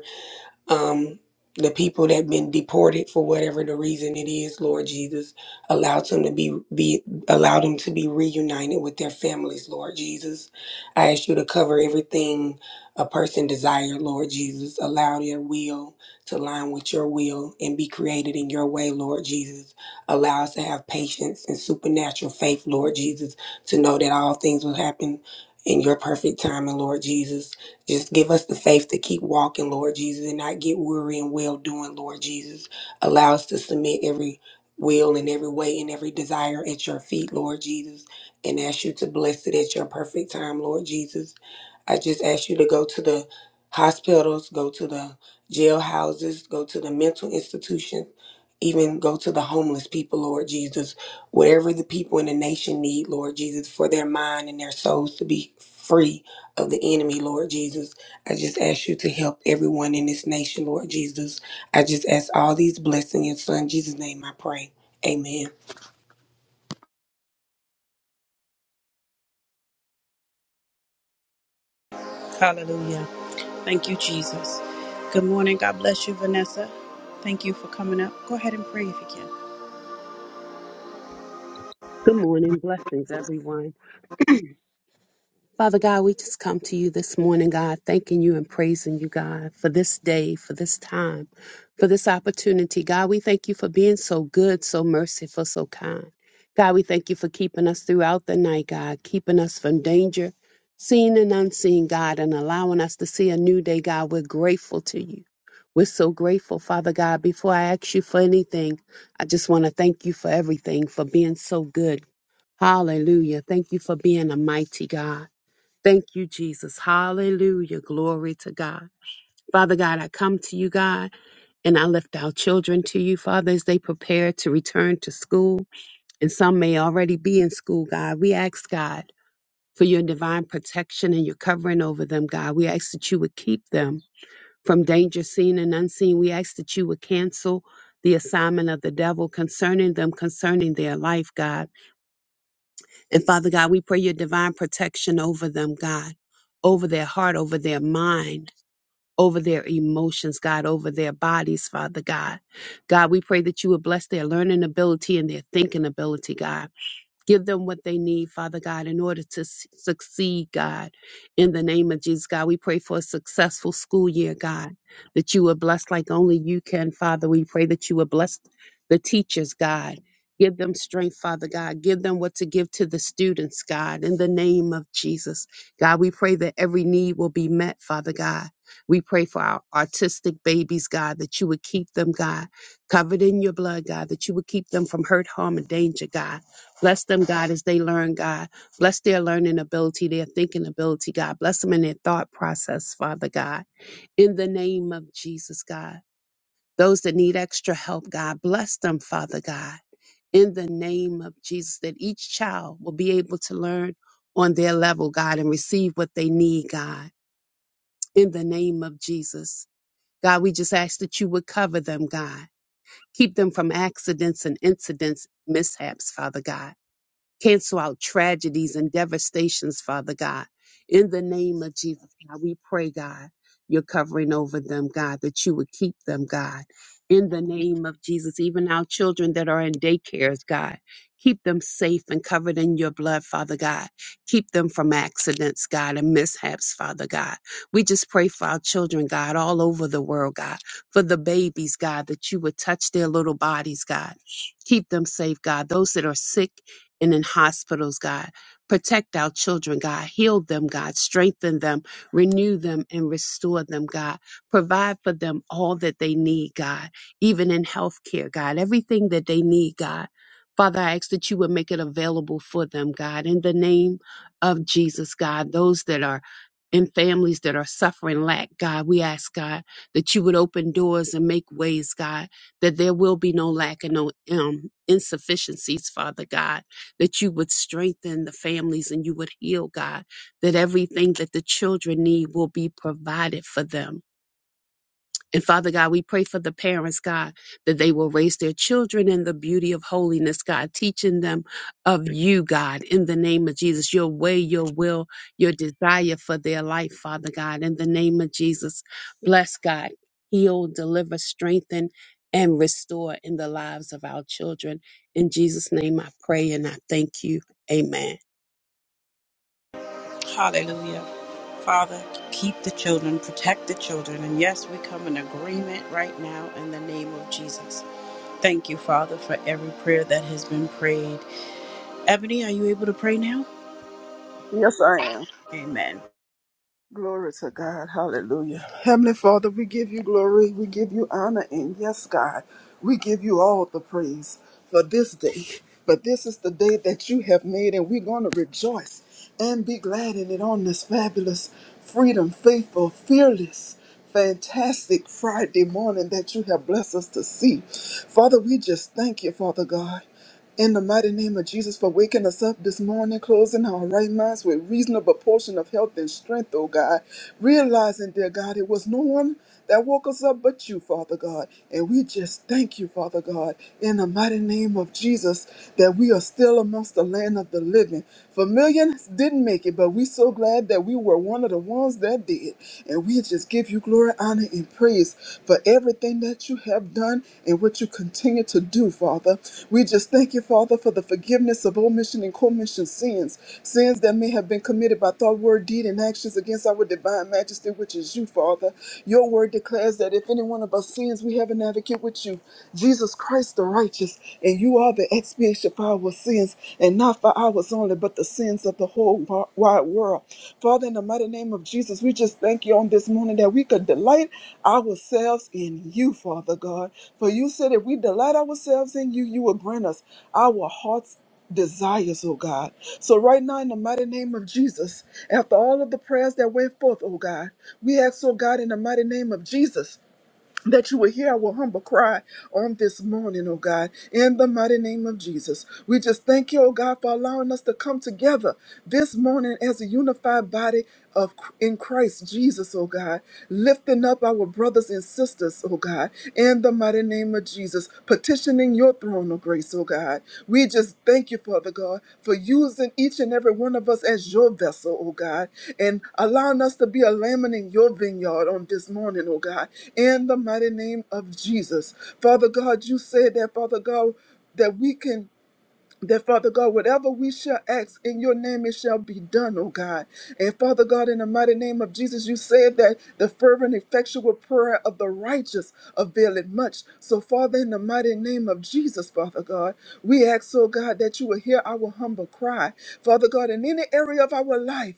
I: um, the people that been deported for whatever the reason it is, Lord Jesus, allow them to be be allow them to be reunited with their families, Lord Jesus. I ask you to cover everything a person desired, Lord Jesus. Allow their will to line with your will and be created in your way, Lord Jesus. Allow us to have patience and supernatural faith, Lord Jesus, to know that all things will happen in your perfect timing, Lord Jesus. Just give us the faith to keep walking, Lord Jesus, and not get weary in well doing, Lord Jesus. Allow us to submit every will and every way and every desire at your feet, Lord Jesus, and ask you to bless it at your perfect time, Lord Jesus. I just ask you to go to the hospitals, go to the jailhouses, go to the mental institutions, even go to the homeless people, Lord Jesus. Whatever the people in the nation need, Lord Jesus, for their mind and their souls to be free of the enemy, Lord Jesus. I just ask you to help everyone in this nation, Lord Jesus. I just ask all these blessings in your son Jesus' name I pray. Amen.
A: Hallelujah. Thank you, Jesus. Good morning. God bless you, Vanessa. Thank you for coming up. Go ahead and pray if you can.
J: Good morning. Blessings, everyone. Father God, we just come to you this morning, God, thanking you and praising you, God, for this day, for this time, for this opportunity. God, we thank you for being so good, so merciful, so kind. God, we thank you for keeping us throughout the night, God, keeping us from danger, seen and unseen, God, and allowing us to see a new day, God. We're grateful to you. We're so grateful, Father God. Before I ask you for anything, I just want to thank you for everything, for being so good Hallelujah. Thank you for being a mighty God. Thank you, Jesus. Hallelujah. Glory to God. Father God, I come to you, God, and I lift our children to you, Father, as they prepare to return to school. And some may already be in school, God. We ask, God, for your divine protection and your covering over them, God. We ask that you would keep them from danger seen and unseen. We ask that you would cancel the assignment of the devil concerning them, concerning their life, God. And Father God, we pray your divine protection over them, God, over their heart, over their mind, over their emotions, God, over their bodies, Father God. God, we pray that you would bless their learning ability and their thinking ability, God. Give them what they need, Father God, in order to s- succeed, God. In the name of Jesus, God, we pray for a successful school year, God, that you will bless like only you can, Father. We pray that you will bless the teachers, God. Give them strength, Father God. Give them what to give to the students, God, in the name of Jesus. God, we pray that every need will be met, Father God. We pray for our autistic babies, God, that you would keep them, God, covered in your blood, God, that you would keep them from hurt, harm, and danger, God. Bless them, God, as they learn, God. Bless their learning ability, their thinking ability, God. Bless them in their thought process, Father God. In the name of Jesus, God. Those that need extra help, God, bless them, Father God. In the name of Jesus, that each child will be able to learn on their level, God, and receive what they need, God. In the name of Jesus. God, we just ask that you would cover them, God. Keep them from accidents and incidents, mishaps, Father God Cancel out tragedies and devastations, Father God. In the name of Jesus, God, we pray, God, you're covering over them, God, that you would keep them, God. In the name of Jesus, even our children that are in daycares, God, keep them safe and covered in your blood, Father God. Keep them from accidents, God, and mishaps, Father God. We just pray for our children, God, all over the world, God, for the babies, God, that you would touch their little bodies, God. Keep them safe, God. Those that are sick, and in hospitals, God. Protect our children, God. Heal them, God. Strengthen them, renew them, and restore them, God. Provide for them all that they need, God, even in healthcare, God. Everything that they need, God. Father, I ask that you would make it available for them, God, in the name of Jesus, God. Those that are in families that are suffering lack, God, we ask, God, that you would open doors and make ways, God, that there will be no lack and no um, insufficiencies, Father God that you would strengthen the families and you would heal, God, that everything that the children need will be provided for them. And Father God, we pray for the parents, God, that they will raise their children in the beauty of holiness, God, teaching them of you, God, in the name of Jesus, your way, your will, your desire for their life, Father God, in the name of Jesus. Bless God, heal, deliver, strengthen, and restore in the lives of our children. In Jesus' name I pray and I thank you. Amen.
A: Hallelujah. Father, keep the children, protect the children. And yes, we come in agreement right now in the name of Jesus. Thank you, Father, for every prayer that has been prayed. Ebony, are you able to pray now?
H: Yes, I am.
A: Amen.
H: Glory to God. Hallelujah. Heavenly Father, we give you glory. We give you honor. And yes, God, we give you all the praise for this day. But this is the day that you have made, and we're going to rejoice and be glad in it on this fabulous, freedom, faithful, fearless fantastic Friday morning that you have blessed us to see. Father, we just thank you, Father God. In the mighty name of Jesus, for waking us up this morning, closing our right minds with reasonable portion of health and strength, oh God. Realizing, dear God, it was no one that woke us up but you, Father God. And we just thank you, Father God, in the mighty name of Jesus, that we are still amongst the land of the living. For millions didn't make it, but we so glad glad that we were one of the ones that did. And we just give you glory, honor, and praise for everything that you have done and what you continue to do, Father. We just thank you, Father, for the forgiveness of omission and commission sins, sins that may have been committed by thought, word, deed, and actions against our divine majesty, which is you, Father. Your word declares that if any one of us sin, sins, we have an advocate with you, Jesus Christ the righteous, and you are the expiation for our sins, and not for ours only, but the sins of the whole wi- wide world. Father, in the mighty name of Jesus, we just thank you on this morning that we could delight ourselves in you, Father God. For you said if we delight ourselves in you, you will grant us our hearts. Desires, oh God. So, right now, in the mighty name of Jesus, after all of the prayers that went forth, oh God, we ask, oh God, in the mighty name of Jesus that you will hear our humble cry on this morning, oh God, in the mighty name of Jesus. We just thank you, oh God, for allowing us to come together this morning as a unified body of in Christ Jesus, oh God, lifting up our brothers and sisters, oh God, in the mighty name of Jesus petitioning your throne of grace, oh God. We just thank you, Father God, for using each and every one of us as your vessel, oh God, and allowing us to be a lamb in your vineyard on this morning, oh God, in the mighty name of Jesus. Father God, you said that, Father God, that we can that Father God, whatever we shall ask in your name, it shall be done, oh God. And Father God, in the mighty name of Jesus, you said that the fervent, effectual prayer of the righteous availeth much. So, Father, in the mighty name of Jesus, Father God, we ask, oh God, that you will hear our humble cry. Father God, in any area of our life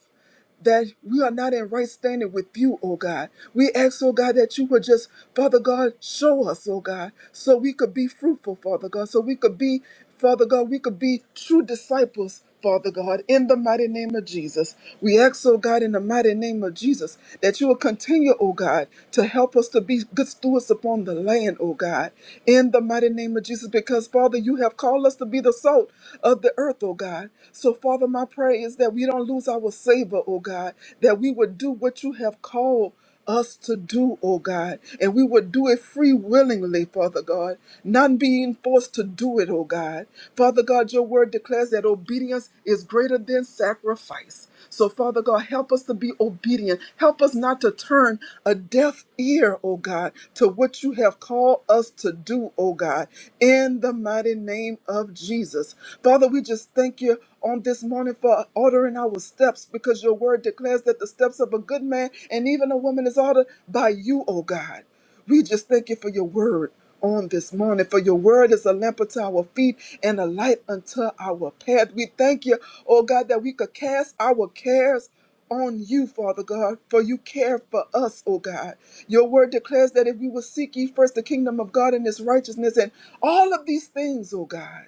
H: that we are not in right standing with you, oh God. We ask, oh God, that you would just, Father God, show us, oh God, so we could be fruitful, Father God, so we could be, Father God, we could be true disciples. Father God, in the mighty name of Jesus, we ask, oh God, in the mighty name of Jesus, that you will continue, oh God, to help us to be good stewards upon the land, oh God, in the mighty name of Jesus, because Father, you have called us to be the salt of the earth, oh God. So, Father, my prayer prayer is that we don't lose our savor, oh God, that we would do what you have called us to do, oh God, and we would do it free willingly, Father God, not being forced to do it, oh God. Father God, your word declares that obedience is greater than sacrifice. So, Father God, help us to be obedient. Help us not to turn a deaf ear, oh God, to what you have called us to do, oh God, in the mighty name of Jesus. Father, we just thank you on this morning for ordering our steps because your word declares that the steps of a good man and even a woman is ordered by you, oh God. We just thank you for your word on this morning. For your word is a lamp unto our feet and a light unto our path. We thank you, oh God, that we could cast our cares on you, Father God, for you care for us, oh God. Your word declares that if we will seek ye first the kingdom of God and his righteousness and all of these things, oh God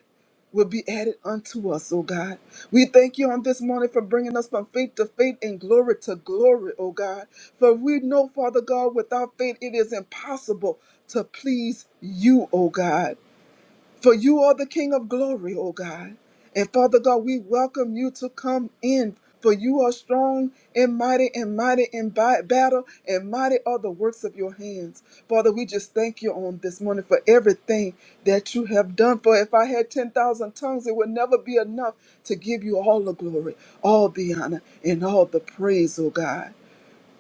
H: will be added unto us, O God. We thank you on this morning for bringing us from faith to faith and glory to glory, O God. For we know, Father God, without faith it is impossible to please you, O God. For you are the King of glory, O God. And Father God, we welcome you to come in. For you are strong and mighty and mighty in bi- battle, and mighty are the works of your hands. Father, we just thank you on this morning for everything that you have done. For if I had 10,000 tongues, it would never be enough to give you all the glory, all the honor, and all the praise, O God.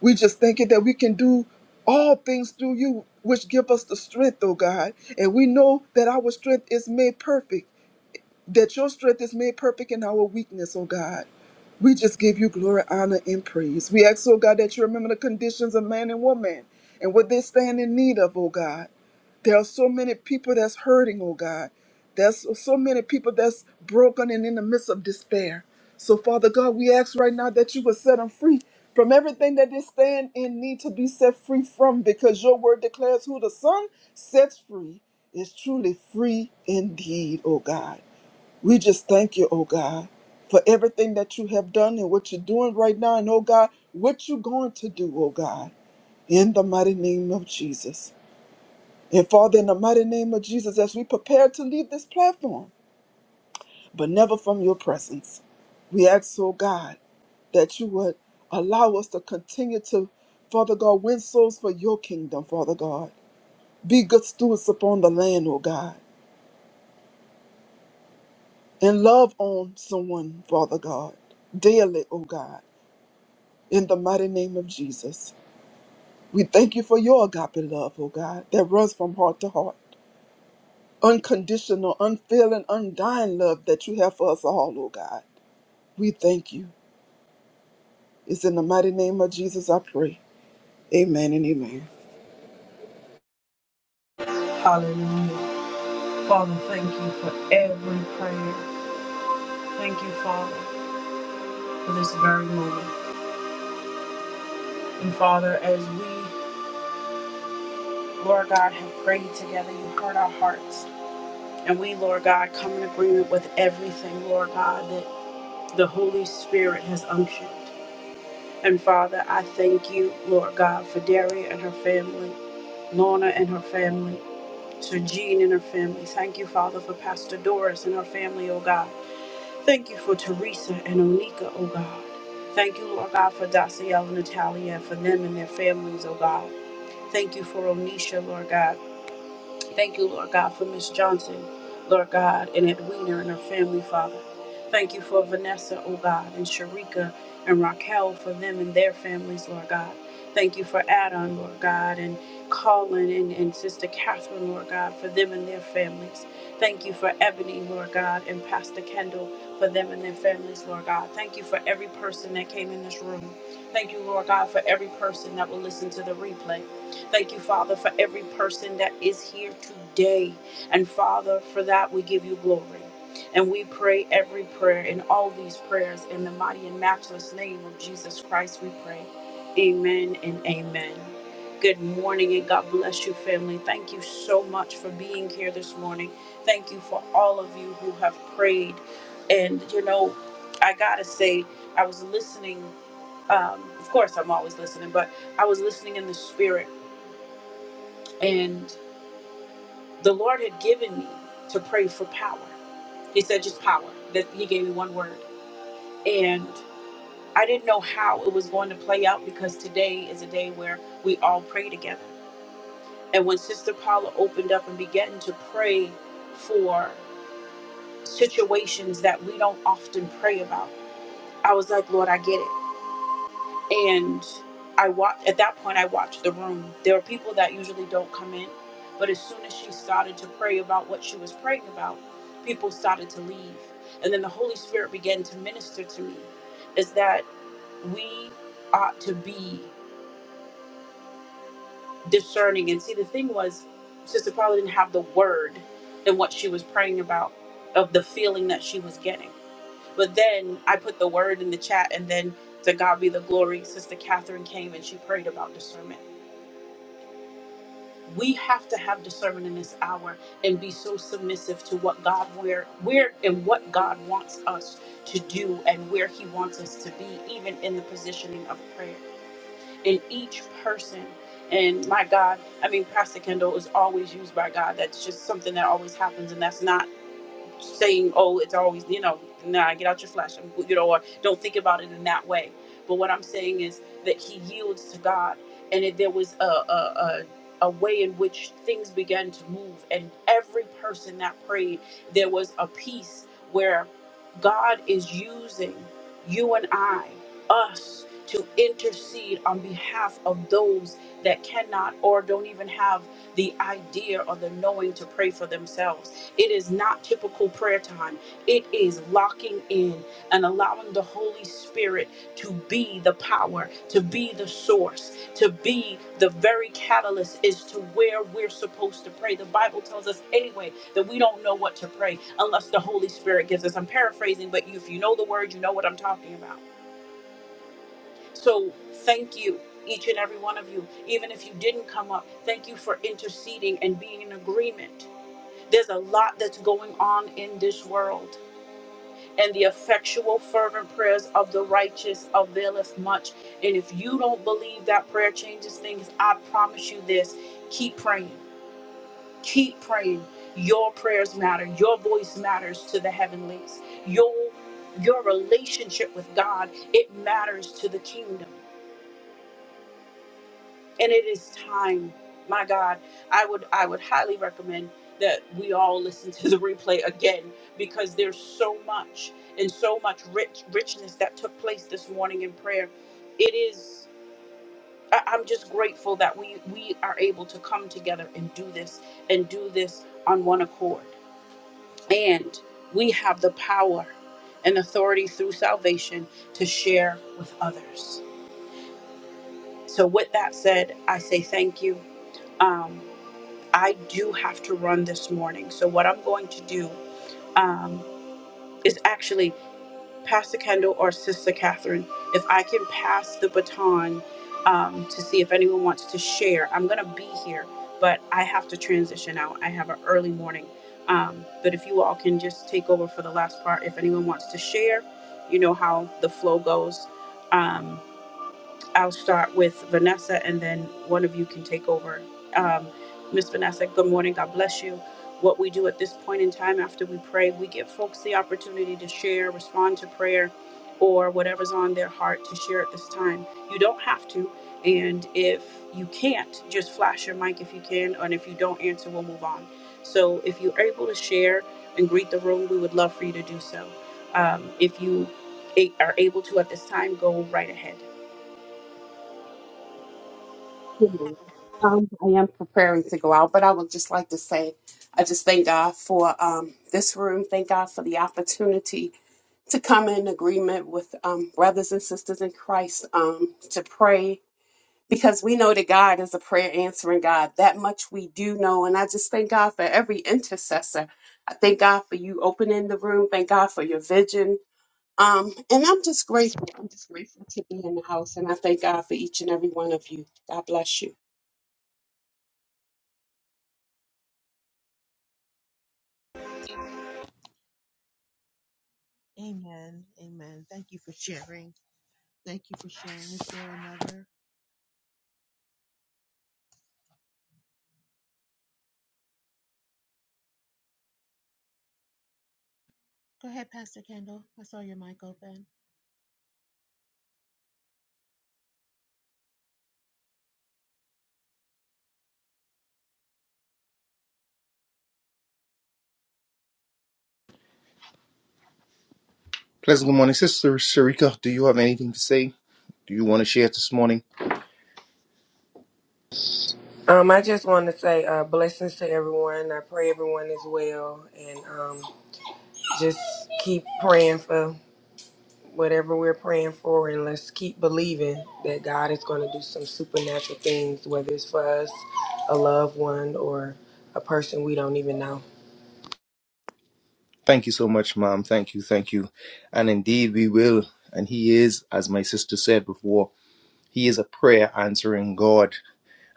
H: We just thank you that we can do all things through you, which give us the strength, oh God. And we know that our strength is made perfect, that your strength is made perfect in our weakness, oh God. We just give you glory, honor, and praise. We ask, oh God, that you remember the conditions of man and woman and what they stand in need of, oh God. There are so many people that's hurting, oh God. There's so so many people that's broken and in the midst of despair. So, Father God, we ask right now that you would set them free from everything that they stand in need to be set free from, because your word declares who the Son sets free is truly free indeed, oh God. We just thank you, oh God, for everything that you have done and what you're doing right now, and oh God, what you're going to do, oh God, in the mighty name of Jesus. And Father, in the mighty name of Jesus, as we prepare to leave this platform, but never from your presence, we ask, oh God, that you would allow us to continue to, Father God, win souls for your kingdom, Father God. Be good stewards upon the land, oh God, and love on someone, Father God, daily, oh God, in the mighty name of Jesus. We thank you for your agape love, oh God, that runs from heart to heart. Unconditional, unfailing, undying love that you have for us all, oh God. We thank you. It's in the mighty name of Jesus I pray. Amen and amen.
A: Hallelujah. Father, thank you for every prayer. Thank you, Father, for this very moment. And Father, as we, Lord God, have prayed together, you heard our hearts. And we, Lord God, come in agreement with everything, Lord God, that. the Holy Spirit has unctioned. And Father, I thank you, Lord God, for Daria and her family, Lorna and her family, Sir Jean and her family. Thank you, Father, for Pastor Doris and her family, oh God. Thank you for Teresa and Onika, oh God. Thank you, Lord God, for Daciel and Natalia, for them and their families, oh God. Thank you for Onisha, Lord God. Thank you, Lord God, for Miss Johnson, Lord God, and Edwina and her family, Father. Thank you for Vanessa, oh God, and Sharika and Raquel for them and their families, Lord God. Thank you for Adam, Lord God, and Colin and, and Sister Catherine, Lord God, for them and their families. Thank you for Ebony, Lord God, and Pastor Kendall for them and their families, Lord God. Thank you for every person that came in this room. Thank you, Lord God, for every person that will listen to the replay. Thank you, Father, for every person that is here today. And Father, for that we give you glory. And we pray every prayer and all these prayers in the mighty and matchless name of Jesus Christ, we pray. Amen and amen. Good morning and God bless you, family. Thank you so much for being here this morning. Thank you for all of you who have prayed. And, you know, I gotta say, I was listening. Um, of course, I'm always listening, but I was listening in the spirit and the Lord had given me to pray for power. He said, just power. That He gave me one word. And I didn't know how it was going to play out because today is a day where we all pray together. And when Sister Paula opened up and began to pray for situations that we don't often pray about, I was like, Lord, I get it. and I watched at that point I watched the room. There were people that usually don't come in, but as soon as she started to pray about what she was praying about, people started to leave. And then the Holy Spirit began to minister to me is that we ought to be discerning. And see the thing was Sister Paula didn't have the word in what she was praying about of the feeling that she was getting. But then I put the word in the chat and then to God be the glory, Sister Catherine came and she prayed about discernment we have to have discernment in this hour and be so submissive to what God where where and what God wants us to do and where he wants us to be even in the positioning of prayer in each person and my God I mean Pastor Kendall is always used by God that's just something that always happens and that's not saying, oh, it's always, you know, nah, get out your flesh, and, you know, or don't think about it in that way. But what I'm saying is that he yields to God, and it, there was a, a, a, a way in which things began to move, and every person that prayed, there was a peace where God is using you and I, us, to intercede on behalf of those that cannot or don't even have the idea or the knowing to pray for themselves it is not typical prayer time. It is locking in and allowing the Holy Spirit to be the power, to be the source, to be the very catalyst as to where we're supposed to pray. The Bible tells us anyway that we don't know what to pray unless the Holy Spirit gives us. I'm paraphrasing, but if you know the word, you know what I'm talking about. So thank you. Each and every one of you, even if you didn't come up, thank you for interceding and being in agreement there's a lot that's going on in this world. And the effectual, fervent prayers of the righteous availeth much. And if you don't believe that prayer changes things, I promise you this keep praying. Keep praying. Your prayers matter. Your voice matters to the heavenlies. Your, your relationship with God, it matters to the kingdom. and it is time my god i would i would highly recommend that we all listen to the replay again because there's so much and so much rich richness that took place this morning in prayer it is I- i'm just grateful that we we are able to come together and do this and do this on one accord and we have the power and authority through salvation to share with others so with that said i say thank you Um, I do have to run this morning. So what I'm going to do um, is actually Pastor Kendall or Sister Catherine, if I can pass the baton um, to see if anyone wants to share. I'm going to be here, but I have to transition out. I have an early morning. Um, but if you all can just take over for the last part, if anyone wants to share, you know how the flow goes. Um, I'll start with Vanessa, and then one of you can take over. Um, Miss Vanessa, good morning. God bless you. What we do at this point in time after we pray, we give folks the opportunity to share, respond to prayer, or whatever's on their heart to share at this time. You don't have to, and if you can't, just flash your mic if you can, and if you don't answer, we'll move on. So if you're able to share and greet the room, we would love for you to do so. Um, if you a- are able to at this time, go right ahead.
J: Amen. Um, I am preparing to go out, but I would just like to say, I just thank God for um, this room. Thank God for the opportunity to come in agreement with um, brothers and sisters in Christ um, to pray because we know that God is a prayer answering God. That much we do know. And I just thank God for every intercessor. I thank God for you opening the room. Thank God for your vision. Um, and I'm just grateful. I'm just grateful to be in the house. And I thank God for each and every one of you. God bless you.
C: Amen. Amen. Amen. Thank you for sharing. Thank you for sharing. Is there another? Go ahead, Pastor Kendall. I saw your mic open.
D: Pleasant good morning, Sister Sharika. Do you have anything to say? Do you want to share this morning?
I: Um, I just want to say uh, blessings to everyone. I pray everyone is well, and um, Just keep praying for whatever we're praying for, and let's keep believing that God is going to do some supernatural things, whether it's for us, a loved one, or a person we don't even know.
D: Thank you so much, ma'am. Thank you, thank you. And indeed, we will. And He is, as my sister said before, He is a prayer answering God.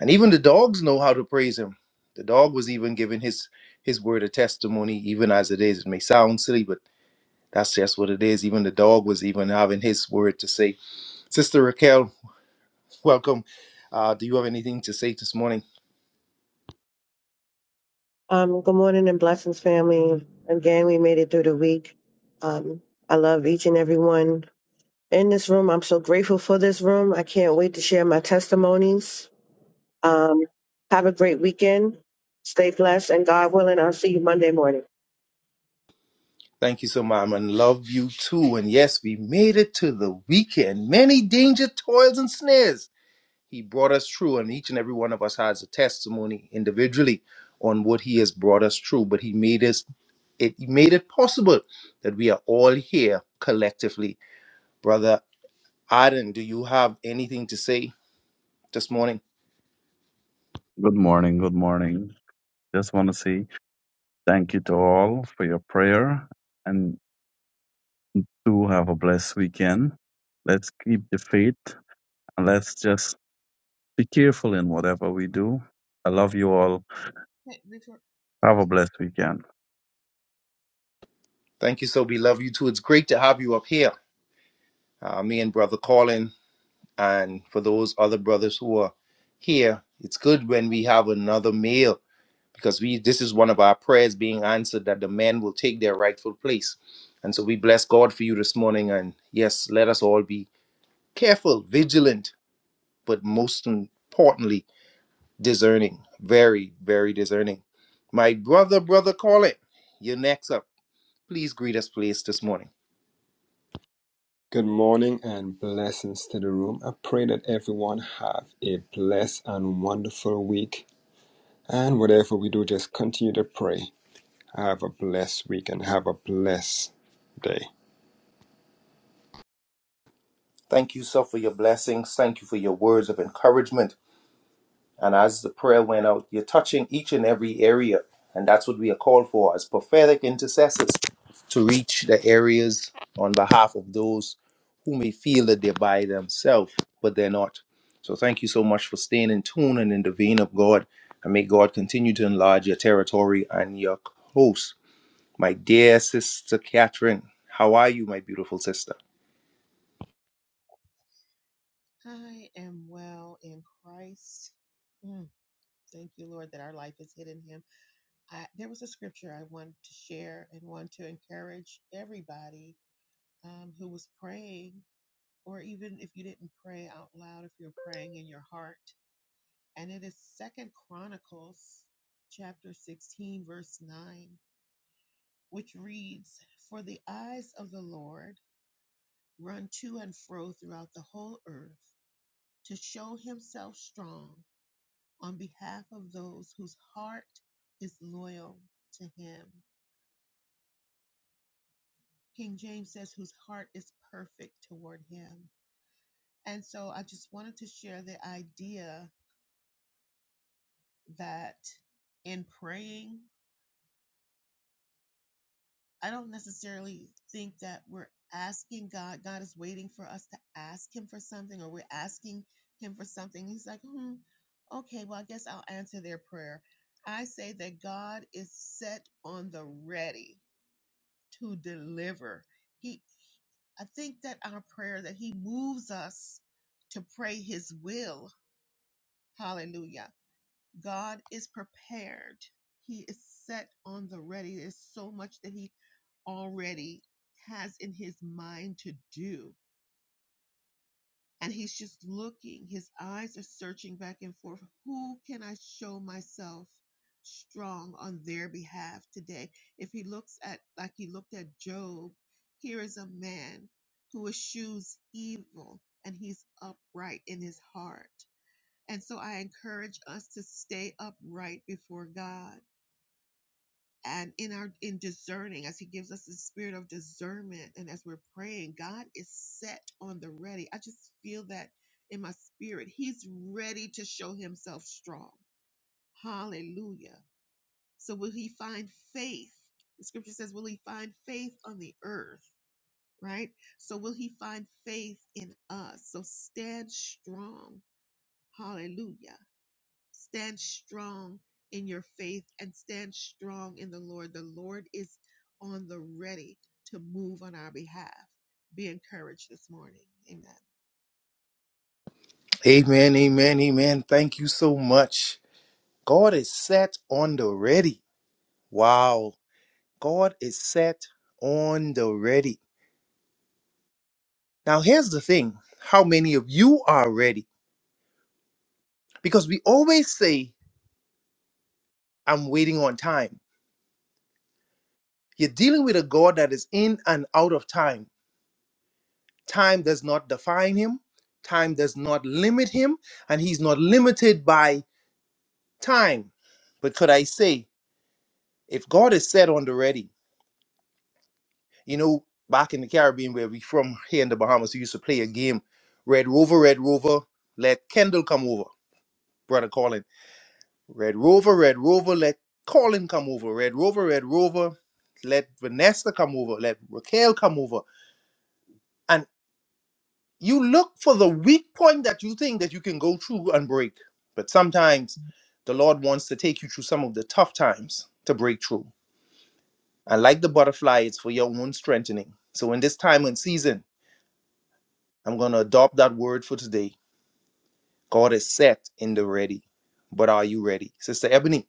D: And even the dogs know how to praise Him. The dog was even giving his his word of testimony, even as it is. It may sound silly, but that's just what it is. Even the dog was even having his word to say. Sister Raquel, welcome. Uh, do you have anything to say this morning?
G: Um, good morning and blessings, family. Again, we made it through the week. Um, I love each and every one in this room. I'm so grateful for this room. I can't wait to share my testimonies. Um, have a great weekend. Stay blessed, and God willing, I'll see you Monday morning.
D: Thank you so much, and love you too. And yes, we made it to the weekend. Many danger, toils, and snares. He brought us through, and each and every one of us has a testimony individually on what He has brought us through. But He made us it He made it possible that we are all here collectively. Brother Aden, do you have anything to say this morning?
F: Good morning. Good morning. Just want to say thank you to all for your prayer and to have a blessed weekend. Let's keep the faith and let's just be careful in whatever we do. I love you all.
C: Hey, before, I'm
F: Have a
C: sorry.
F: blessed weekend.
D: Thank you, so we love you too. It's great to have you up here. Uh, me and Brother Colin And for those other brothers who are here, it's good when we have another male because we this is one of our prayers being answered that the men will take their rightful place. And so we bless God for you this morning. And yes, let us all be careful, vigilant, but most importantly, discerning. Very, very discerning. My brother, brother, call it. You're next up. Please greet us, please, this morning.
E: Good morning and blessings to the room. I pray that everyone have a blessed and wonderful week. And whatever we do, just continue to pray. Have a blessed week and have a blessed day.
D: Thank you, sir, for your blessings. Thank you for your words of encouragement. And as the prayer went out, you're touching each and every area. And that's what we are called for as prophetic intercessors to reach the areas on behalf of those who may feel that they're by themselves, but they're not. So thank you so much for staying in tune and in the vein of God. And may God continue to enlarge your territory and your host. My dear sister Catherine, how are you, my beautiful sister?
C: I am well in Christ. Mm, thank you, Lord, that our life is hidden in Him I, there was a scripture I wanted to share and want to encourage everybody um, who was praying, or even if you didn't pray out loud, if you're praying in your heart. And it is Second Chronicles chapter 16, verse 9, which reads, For the eyes of the Lord run to and fro throughout the whole earth to show himself strong on behalf of those whose heart is loyal to him. King James says, whose heart is perfect toward him. And so I just wanted to share the idea that in praying, I don't necessarily think that we're asking God, God is waiting for us to ask him for something or we're asking him for something. He's like, hmm, okay, well, I guess I'll answer their prayer. I say that God is set on the ready to deliver. He I think that our prayer that he moves us to pray his will. Hallelujah. God is prepared. He is set on the ready. There's so much that he already has in his mind to do and he's just looking. His eyes are searching back and forth. Who can I show myself strong on their behalf today? If he looks at, like he looked at Job, here is a man who eschews evil and he's upright in his heart. And so I encourage us to stay upright before God and in our in discerning as he gives us the spirit of discernment and as we're praying god is set on the ready i just feel that in my spirit he's ready to show himself strong hallelujah so will he find faith the scripture says will he find faith on the earth right so will he find faith in us so stand strong hallelujah Stand strong in your faith and stand strong in the Lord. The Lord is on the ready to move on our behalf. Be encouraged this morning. Amen.
D: Amen, amen, amen. Thank you so much. God is set on the ready. Wow. God is set on the ready. Now, here's the thing how many of you are ready? Because we always say, I'm waiting on time. You're dealing with a God that is in and out of time. Time does not define him, time does not limit him, and he's not limited by time. But could I say, if God is set on the ready, you know, back in the Caribbean where we from here in the Bahamas, we used to play a game Red Rover, Red Rover, let Kendall come over, Brother Colin Red Rover, Red Rover, let Colin come over. Red Rover, Red Rover, let Vanessa come over. Let Raquel come over. And you look for the weak point that you think that you can go through and break. But sometimes the Lord wants to take you through some of the tough times to break through. And like the butterfly, it's for your own strengthening. So in this time and season, I'm going to adopt that word for today. God is set in the ready. But are you ready? Sister Ebony,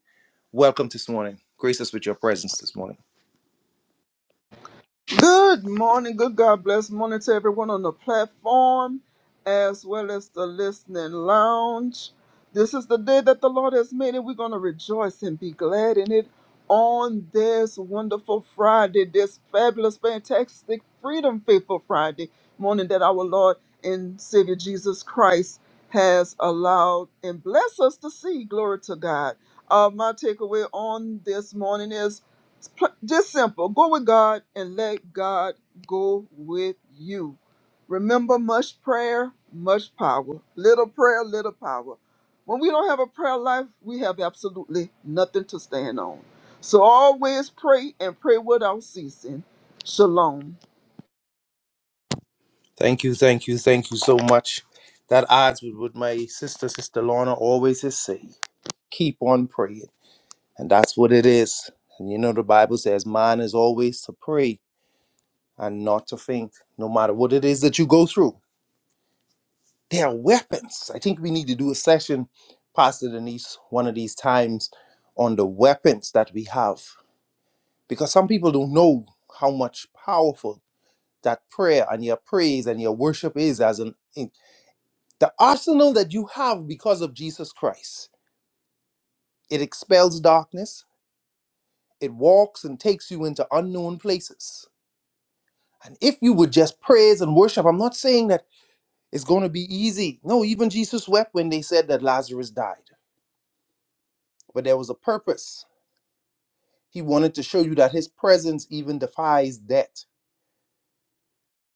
D: welcome this morning. Grace us with your presence this morning.
H: Good morning, good God bless morning to everyone on the platform as well as the listening lounge. This is the day that the Lord has made, and we're going to rejoice and be glad in it on this wonderful Friday, this fabulous, fantastic, freedom faithful Friday morning that our Lord and Savior Jesus Christ has allowed and blessed us to see. Glory to God. Uh, my takeaway on this morning is it's pl- just simple. Go with God and let God go with you. Remember, much prayer, much power. Little prayer, little power. When we don't have a prayer life, we have absolutely nothing to stand on. So always pray and pray without ceasing. Shalom.
D: Thank you, thank you, thank you so much. That odds with what my sister, Sister Lorna, always is say. Keep on praying. And that's what it is. And you know the Bible says, mine is always to pray and not to faint, no matter what it is that you go through. They are weapons. I think we need to do a session, Pastor Denise, one of these times on the weapons that we have. Because some people don't know how much powerful that prayer and your praise and your worship is as an The arsenal that you have because of Jesus Christ, it expels darkness, it walks and takes you into unknown places. And if you would just praise and worship, I'm not saying that it's going to be easy. No, even Jesus wept when they said that Lazarus died. But there was a purpose. He wanted to show you that his presence even defies death.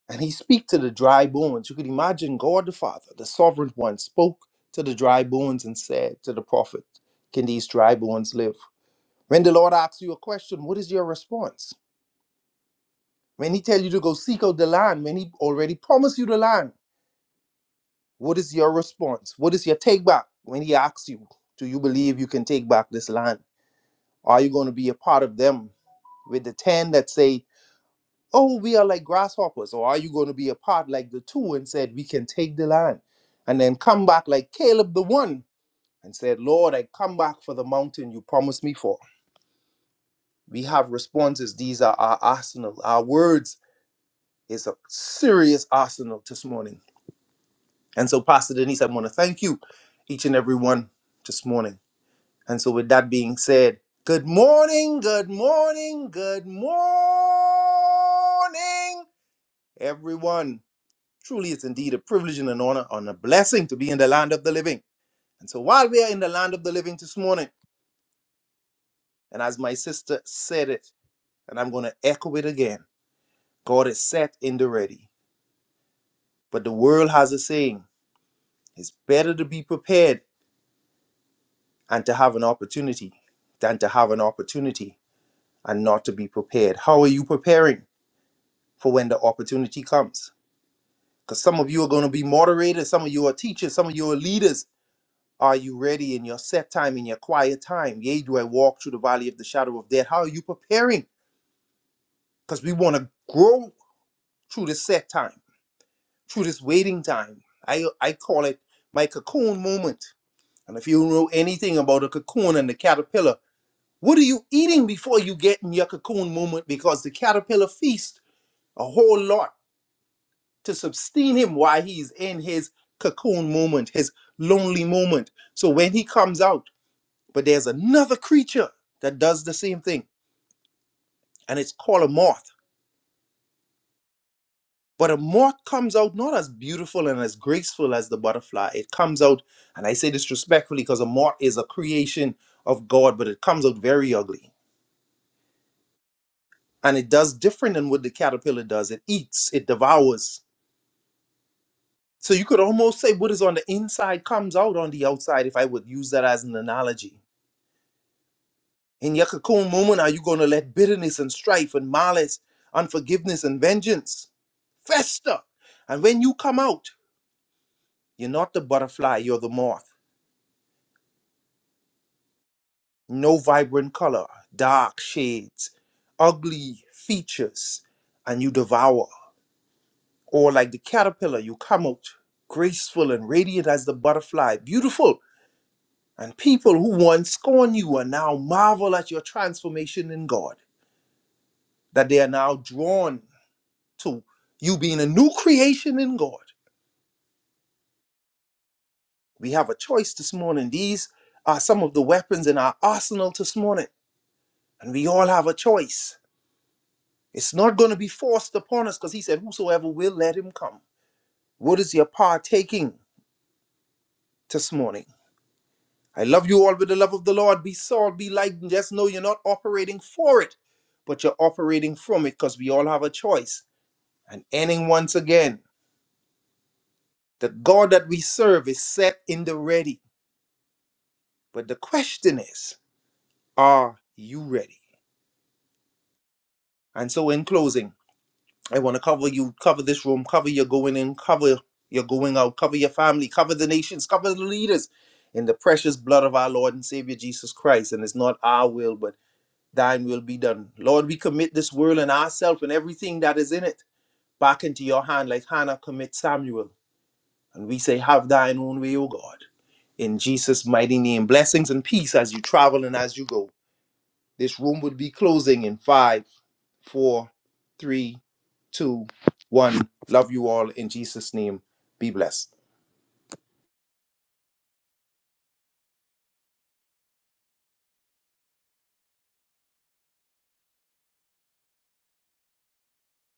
D: And he speak to the dry bones. You could imagine God the Father, the sovereign one, spoke to the dry bones and said to the prophet, Can these dry bones live? When the Lord asks you a question, what is your response? When He tells you to go seek out the land, when He already promised you the land, what is your response? What is your take back when He asks you, Do you believe you can take back this land? Are you going to be a part of them with the 10 that say, Oh, we are like grasshoppers? Or are you going to be a part like the two and said, We can take the land? And then come back like Caleb the one and said, Lord, I come back for the mountain you promised me for. We have responses. These are our arsenal, our words is a serious arsenal this morning. And so, Pastor Denise, I want to thank you, each and every one, this morning. And so, with that being said, good morning, good morning, good morning, everyone. Truly, it's indeed a privilege and an honor and a blessing to be in the land of the living. And so, while we are in the land of the living this morning, and as my sister said it, and I'm going to echo it again God is set in the ready. But the world has a saying it's better to be prepared and to have an opportunity than to have an opportunity and not to be prepared. How are you preparing for when the opportunity comes? Because some of you are going to be moderators, some of you are teachers, some of you are leaders. Are you ready in your set time, in your quiet time? Yea, do I walk through the valley of the shadow of death? How are you preparing? Because we want to grow through this set time, through this waiting time. I, I call it my cocoon moment. And if you know anything about a cocoon and the caterpillar, What are you eating before you get in your cocoon moment? Because the caterpillar feasts a whole lot to sustain him while he's in his cocoon moment, his lonely moment. So when he comes out, but there's another creature that does the same thing, and it's called a moth. But a moth comes out not as beautiful and as graceful as the butterfly. It comes out, and I say this respectfully because a moth is a creation of God, but it comes out very ugly. And it does different than what the caterpillar does. It eats, it devours So you could almost say what is on the inside comes out on the outside, if I would use that as an analogy. In your cocoon moment, are you going to let bitterness and strife and malice, unforgiveness and vengeance fester? And when you come out, you're not the butterfly, you're the moth. No vibrant color, dark shades, ugly features, and you devour. Or like the caterpillar, you come out graceful and radiant as the butterfly, beautiful And people who once scorned you and now marvel at your transformation in God, that they are now drawn to you being a new creation in God. We have a choice this morning. These are some of the weapons in our arsenal this morning, and we all have a choice. It's not going to be forced upon us because He said, Whosoever will, let him come. What is your partaking this morning? I love you all with the love of the Lord. Be salt, be light, and just know you're not operating for it, but you're operating from it because we all have a choice And ending once again, the God that we serve is set in the ready. But the question is, are you ready? And so in closing, I want to cover you, cover this room, cover your going in, cover your going out, cover your family, cover the nations, cover the leaders in the precious blood of our Lord and Savior Jesus Christ. And it's not our will, but thine will be done. Lord, we commit this world and ourselves and everything that is in it back into your hand, like Hannah commits Samuel. And we say, Have thine own way, O God. In Jesus' mighty name, blessings and peace as you travel and as you go. This room would be closing in five, four, three, two, one. Love you all in Jesus' name. Be blessed.